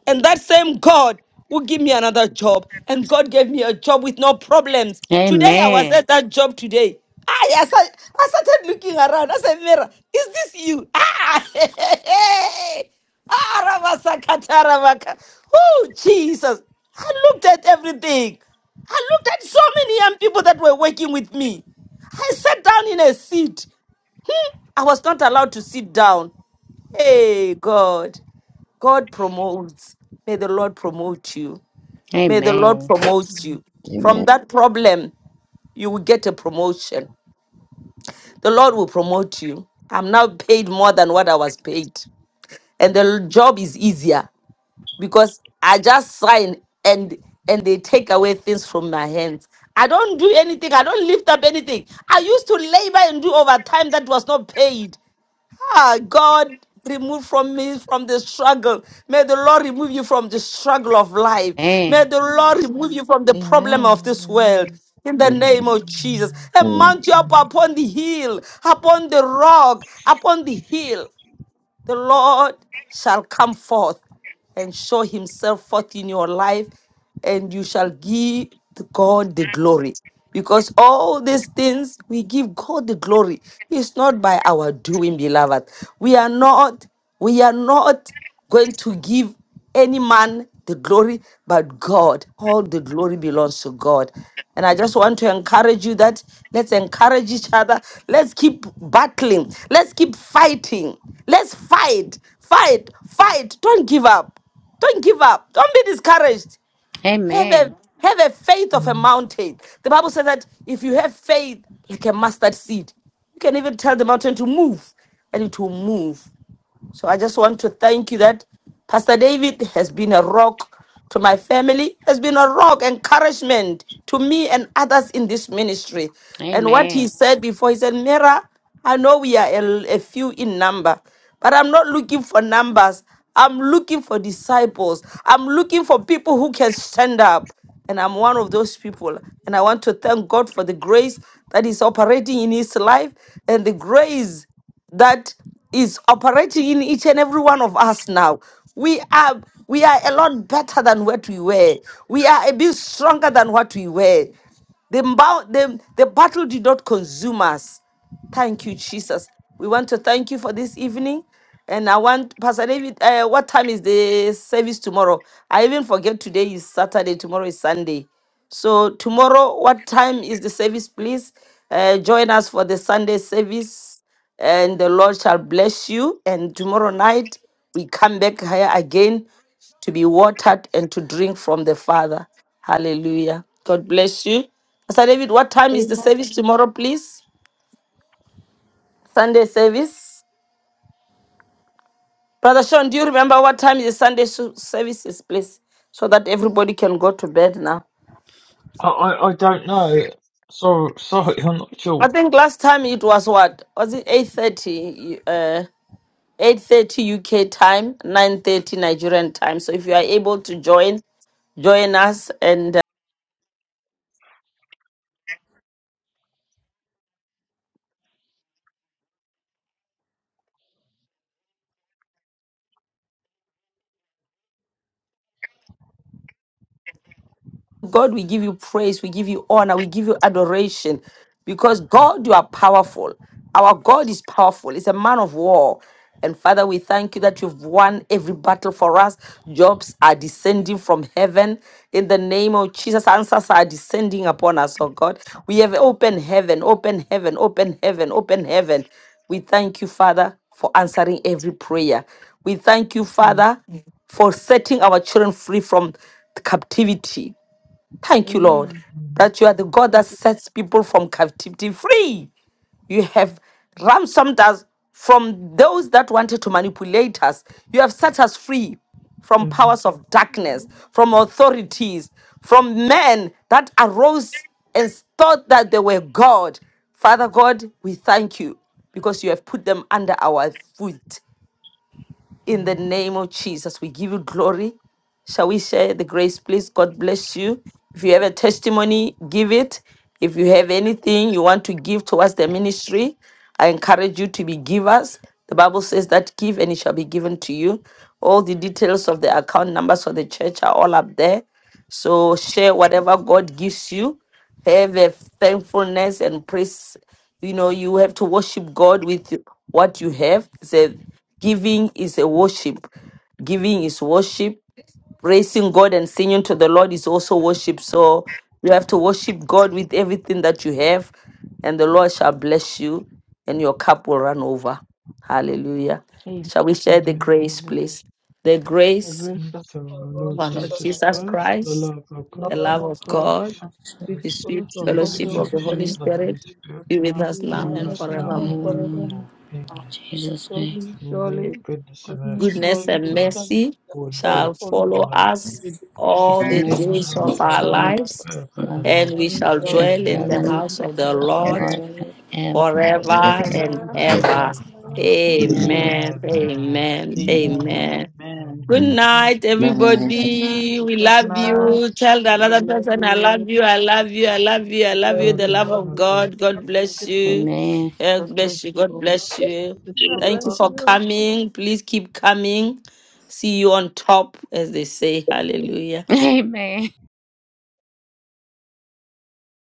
Speaker 1: And that same God will give me another job. And God gave me a job with no problems. Today I was
Speaker 5: Amen.
Speaker 1: at that job today. Ah, yes, I, I started looking around. I said, Mira, is this you? Ah, hey, hey, hey, Ah, Rabasakatarabaka. Oh, Jesus. I looked at everything. I looked at so many young people that were working with me. I sat down in a seat. Hmm, I was not allowed to sit down. Hey, God. God promotes. May the Lord promote you. May the Lord
Speaker 5: Amen.
Speaker 1: promote you. From
Speaker 8: Amen.
Speaker 1: that problem, you will get a promotion. The Lord will
Speaker 11: Amen.
Speaker 1: promote you. I'm now paid more than what I was paid. And the job is easier because I just sign and and they take away things from my hands. I don't do anything. I don't lift up anything. I used to labor and do overtime that was not paid. Ah, God, remove from me from the struggle. May the Lord remove you from the struggle of life.
Speaker 5: Amen.
Speaker 1: May the Lord
Speaker 9: Amen.
Speaker 1: remove you from the problem of
Speaker 10: Amen.
Speaker 1: this
Speaker 10: Amen.
Speaker 1: world. In the
Speaker 8: Amen.
Speaker 1: name of
Speaker 11: Amen.
Speaker 1: Jesus.
Speaker 2: Amen.
Speaker 1: And
Speaker 8: Amen.
Speaker 1: mount you up
Speaker 11: Amen.
Speaker 1: upon the hill, upon the rock, upon the hill the Lord shall come forth and show himself forth in your life, and you shall give to God the glory. Because all these things we give God the glory. It's not by our doing, beloved. We are not, we are not going to give any man the glory but God. All the glory belongs to God. And I just want to encourage you that let's encourage each other. Let's keep battling. Let's keep fighting. Let's fight, fight, fight. Don't give up. Don't give up. Don't be discouraged. Have
Speaker 5: Amen.
Speaker 1: a have a faith of a
Speaker 2: Amen.
Speaker 1: mountain. The Bible says that if you have faith like a mustard seed, you can even tell the mountain to move, and it will move. So I just want to thank you that Pastor David has been a rock to my family, has been a rock, encouragement to me and others in this ministry. And what he
Speaker 5: Amen.
Speaker 1: said before, he said, Mira, I know we are a, a few in number, but I'm not looking for numbers. I'm looking for disciples. I'm looking for people who can stand up. And I'm one of those people. And I want to thank God for the grace that is operating in his life and the grace that is operating in each and every one of us now. We are we are a lot better than what we were. We are a bit stronger than what we were. The, bow, the, the battle did not consume us Thank you, Jesus. We want to thank you for this evening. And I want, Pastor David, uh, what time is the service tomorrow? I even forget today is Saturday, tomorrow is Sunday. So, tomorrow, what time is the service? Please uh, join us for the Sunday service, and the Lord shall bless you. And tomorrow night, we come back here again to be watered and to drink from the Father. Hallelujah. God bless you. Pastor David, what time is the
Speaker 6: Amen.
Speaker 1: service tomorrow, please? Sunday service. Brother Sean, do you remember what time the Sunday su- service is, please? So that everybody can go to bed now.
Speaker 2: I, I, I don't know. Sorry, sorry, I'm not
Speaker 1: I
Speaker 2: sure.
Speaker 1: think last time it was what? Was it 8.30? Uh, 8.30 UK time, 9.30 Nigerian time. So if you are able to join, join us and. God, we give you praise, we give you honor, we give you adoration because God, you are powerful. Our God is powerful, He's a man of war. And Father, we thank you that you've won every battle for us. Jobs are descending from heaven. In the name of Jesus, answers are descending upon us, oh God. We have open heaven, open heaven, open heaven, open heaven. We thank you, Father, for answering every prayer. We thank you,
Speaker 6: Amen.
Speaker 1: Father, for setting our children free from captivity. Thank you, Lord,
Speaker 6: Amen.
Speaker 1: that you are the God that
Speaker 6: Thank you.
Speaker 1: sets people from captivity free. You have
Speaker 6: Amen.
Speaker 1: ransomed us from those that wanted to manipulate us. You have set us free from powers of darkness, from authorities, from men that arose and thought that they were God. Father God, we thank you because you have put them under our foot. In the
Speaker 6: Amen.
Speaker 1: name of Jesus, we give you glory. Shall we share the grace, please? God bless you. If you have a testimony, give it. If you have anything you want to give towards the ministry, I encourage you to be givers. The Bible says that give and it shall be given to you. All the details of the account numbers for the church are all up there. So share whatever God gives you. Have a thankfulness and praise. You know, you have to worship God with what you have. So giving is a worship. Giving is worship. Praising God and singing to the Lord is also worship. So you have to worship God with everything that you have, and the Lord shall bless you, and your cup will run over. Hallelujah.
Speaker 6: Amen.
Speaker 1: Shall we share the
Speaker 2: And
Speaker 1: grace,
Speaker 6: Hallelujah.
Speaker 1: please? The
Speaker 6: The
Speaker 1: grace
Speaker 6: grace of
Speaker 2: the
Speaker 11: Oh
Speaker 6: of
Speaker 11: Lord
Speaker 2: Lord
Speaker 1: of our
Speaker 6: Jesus
Speaker 1: Lord
Speaker 11: Jesus
Speaker 2: Jesus
Speaker 6: Christ,
Speaker 1: Jesus
Speaker 11: Christ,
Speaker 2: Christ, the
Speaker 1: Christ
Speaker 2: love
Speaker 6: the
Speaker 2: of
Speaker 11: the
Speaker 2: God,
Speaker 1: the
Speaker 6: love
Speaker 11: love
Speaker 1: love
Speaker 6: of
Speaker 11: of
Speaker 1: of
Speaker 11: God,
Speaker 2: the
Speaker 6: God,
Speaker 1: God,
Speaker 6: and
Speaker 2: fellowship
Speaker 6: the
Speaker 1: the
Speaker 6: sweet
Speaker 1: sweet
Speaker 6: fellowship
Speaker 11: fellowship
Speaker 6: of
Speaker 2: the
Speaker 6: the
Speaker 5: Thank
Speaker 11: of
Speaker 6: Holy
Speaker 2: sweet
Speaker 1: fellowship
Speaker 11: the
Speaker 5: Holy
Speaker 6: Spirit
Speaker 1: of the
Speaker 11: Holy
Speaker 2: fellowship
Speaker 1: Holy
Speaker 5: Spirit,
Speaker 11: Spirit,
Speaker 2: of the Holy
Speaker 1: Spirit
Speaker 6: be with
Speaker 2: Spirit,
Speaker 6: us
Speaker 1: be
Speaker 6: now
Speaker 1: with
Speaker 6: and
Speaker 11: be
Speaker 1: us
Speaker 2: be
Speaker 1: now
Speaker 2: with
Speaker 11: with
Speaker 1: and
Speaker 5: and
Speaker 11: us
Speaker 2: us
Speaker 6: forevermore.
Speaker 11: now
Speaker 2: now
Speaker 5: the joy
Speaker 2: and
Speaker 11: and
Speaker 5: of the
Speaker 1: forevermore.
Speaker 5: Lord.
Speaker 11: forevermore.
Speaker 2: forevermore.
Speaker 5: In
Speaker 2: Amen.
Speaker 5: Jesus' name,
Speaker 11: Surely
Speaker 6: Surely
Speaker 1: His
Speaker 2: Surely goodness and
Speaker 11: goodness
Speaker 2: mercy
Speaker 11: and
Speaker 1: Goodness
Speaker 6: God's
Speaker 2: shall
Speaker 1: and
Speaker 11: mercy
Speaker 2: follow
Speaker 6: goodness
Speaker 11: shall
Speaker 2: us
Speaker 1: mercy
Speaker 6: and mercy
Speaker 2: all the
Speaker 6: follow
Speaker 11: shall
Speaker 1: shall
Speaker 6: us
Speaker 2: days
Speaker 11: follow
Speaker 2: of
Speaker 1: follow
Speaker 11: us
Speaker 2: our life.
Speaker 6: all
Speaker 1: us
Speaker 6: the days
Speaker 2: We
Speaker 6: of
Speaker 2: shall
Speaker 5: grace
Speaker 1: all
Speaker 6: our
Speaker 11: all
Speaker 5: and
Speaker 1: the
Speaker 2: dwell
Speaker 6: lives,
Speaker 11: the
Speaker 5: mercy
Speaker 2: in
Speaker 6: and
Speaker 2: the
Speaker 6: we
Speaker 5: shall
Speaker 1: days
Speaker 11: days of
Speaker 1: of
Speaker 8: Amen.
Speaker 2: house
Speaker 5: follow
Speaker 11: our
Speaker 2: of
Speaker 6: shall
Speaker 5: us
Speaker 1: our
Speaker 2: the
Speaker 5: all
Speaker 11: life,
Speaker 5: the
Speaker 2: Lord
Speaker 5: days
Speaker 6: dwell in the house of
Speaker 1: lives,
Speaker 6: the
Speaker 5: of
Speaker 2: forever
Speaker 5: our life.
Speaker 2: and
Speaker 1: and
Speaker 2: ever.
Speaker 11: and
Speaker 1: we
Speaker 11: we
Speaker 5: We
Speaker 1: shall
Speaker 6: Lord
Speaker 11: shall
Speaker 6: forever.
Speaker 5: shall
Speaker 1: dwell in
Speaker 5: dwell
Speaker 2: Amen.
Speaker 1: the
Speaker 11: dwell
Speaker 5: in the
Speaker 11: in
Speaker 1: house
Speaker 11: the
Speaker 1: of the
Speaker 5: house of
Speaker 11: house
Speaker 5: the
Speaker 11: of the
Speaker 1: Lord
Speaker 5: Lord
Speaker 11: Lord
Speaker 5: forever.
Speaker 2: Amen.
Speaker 1: forever
Speaker 11: forever
Speaker 2: Amen.
Speaker 1: and
Speaker 9: Amen.
Speaker 11: and
Speaker 2: Amen. and
Speaker 11: ever.
Speaker 1: ever.
Speaker 2: ever. Amen.
Speaker 11: Amen.
Speaker 5: Amen.
Speaker 6: Amen.
Speaker 1: Amen.
Speaker 8: Amen.
Speaker 2: Amen.
Speaker 1: Amen.
Speaker 2: Amen.
Speaker 1: Amen.
Speaker 11: Amen. Amen.
Speaker 1: Good
Speaker 2: Amen.
Speaker 8: Amen.
Speaker 1: night,
Speaker 6: Jesus.
Speaker 8: Amen. of man.
Speaker 1: everybody. We
Speaker 11: Good
Speaker 6: Good
Speaker 1: love
Speaker 6: night,
Speaker 11: night.
Speaker 1: you. Tell
Speaker 11: We
Speaker 6: everybody.
Speaker 1: another
Speaker 11: love
Speaker 1: person, I
Speaker 6: Love
Speaker 1: love
Speaker 11: you.
Speaker 1: you,
Speaker 6: you.
Speaker 1: I love you, I love you, I
Speaker 11: We
Speaker 1: love
Speaker 11: love
Speaker 1: you. The
Speaker 11: you.
Speaker 1: love
Speaker 11: Love
Speaker 6: Love
Speaker 1: of
Speaker 11: you.
Speaker 6: you.
Speaker 11: Thank
Speaker 1: God.
Speaker 6: Love
Speaker 1: God
Speaker 11: you.
Speaker 1: bless
Speaker 6: you too.
Speaker 1: you.
Speaker 5: Amen.
Speaker 1: God
Speaker 11: God
Speaker 1: bless
Speaker 11: bless
Speaker 1: you.
Speaker 11: you
Speaker 1: God
Speaker 11: all.
Speaker 6: Lord,
Speaker 1: bless
Speaker 11: Thank
Speaker 6: we
Speaker 1: you.
Speaker 6: give you the
Speaker 9: God
Speaker 6: love
Speaker 11: you.
Speaker 1: Thank you
Speaker 6: of
Speaker 9: bless
Speaker 6: God.
Speaker 1: for
Speaker 9: you.
Speaker 1: coming. Please keep coming. See you on top, as they say. Hallelujah.
Speaker 5: Amen.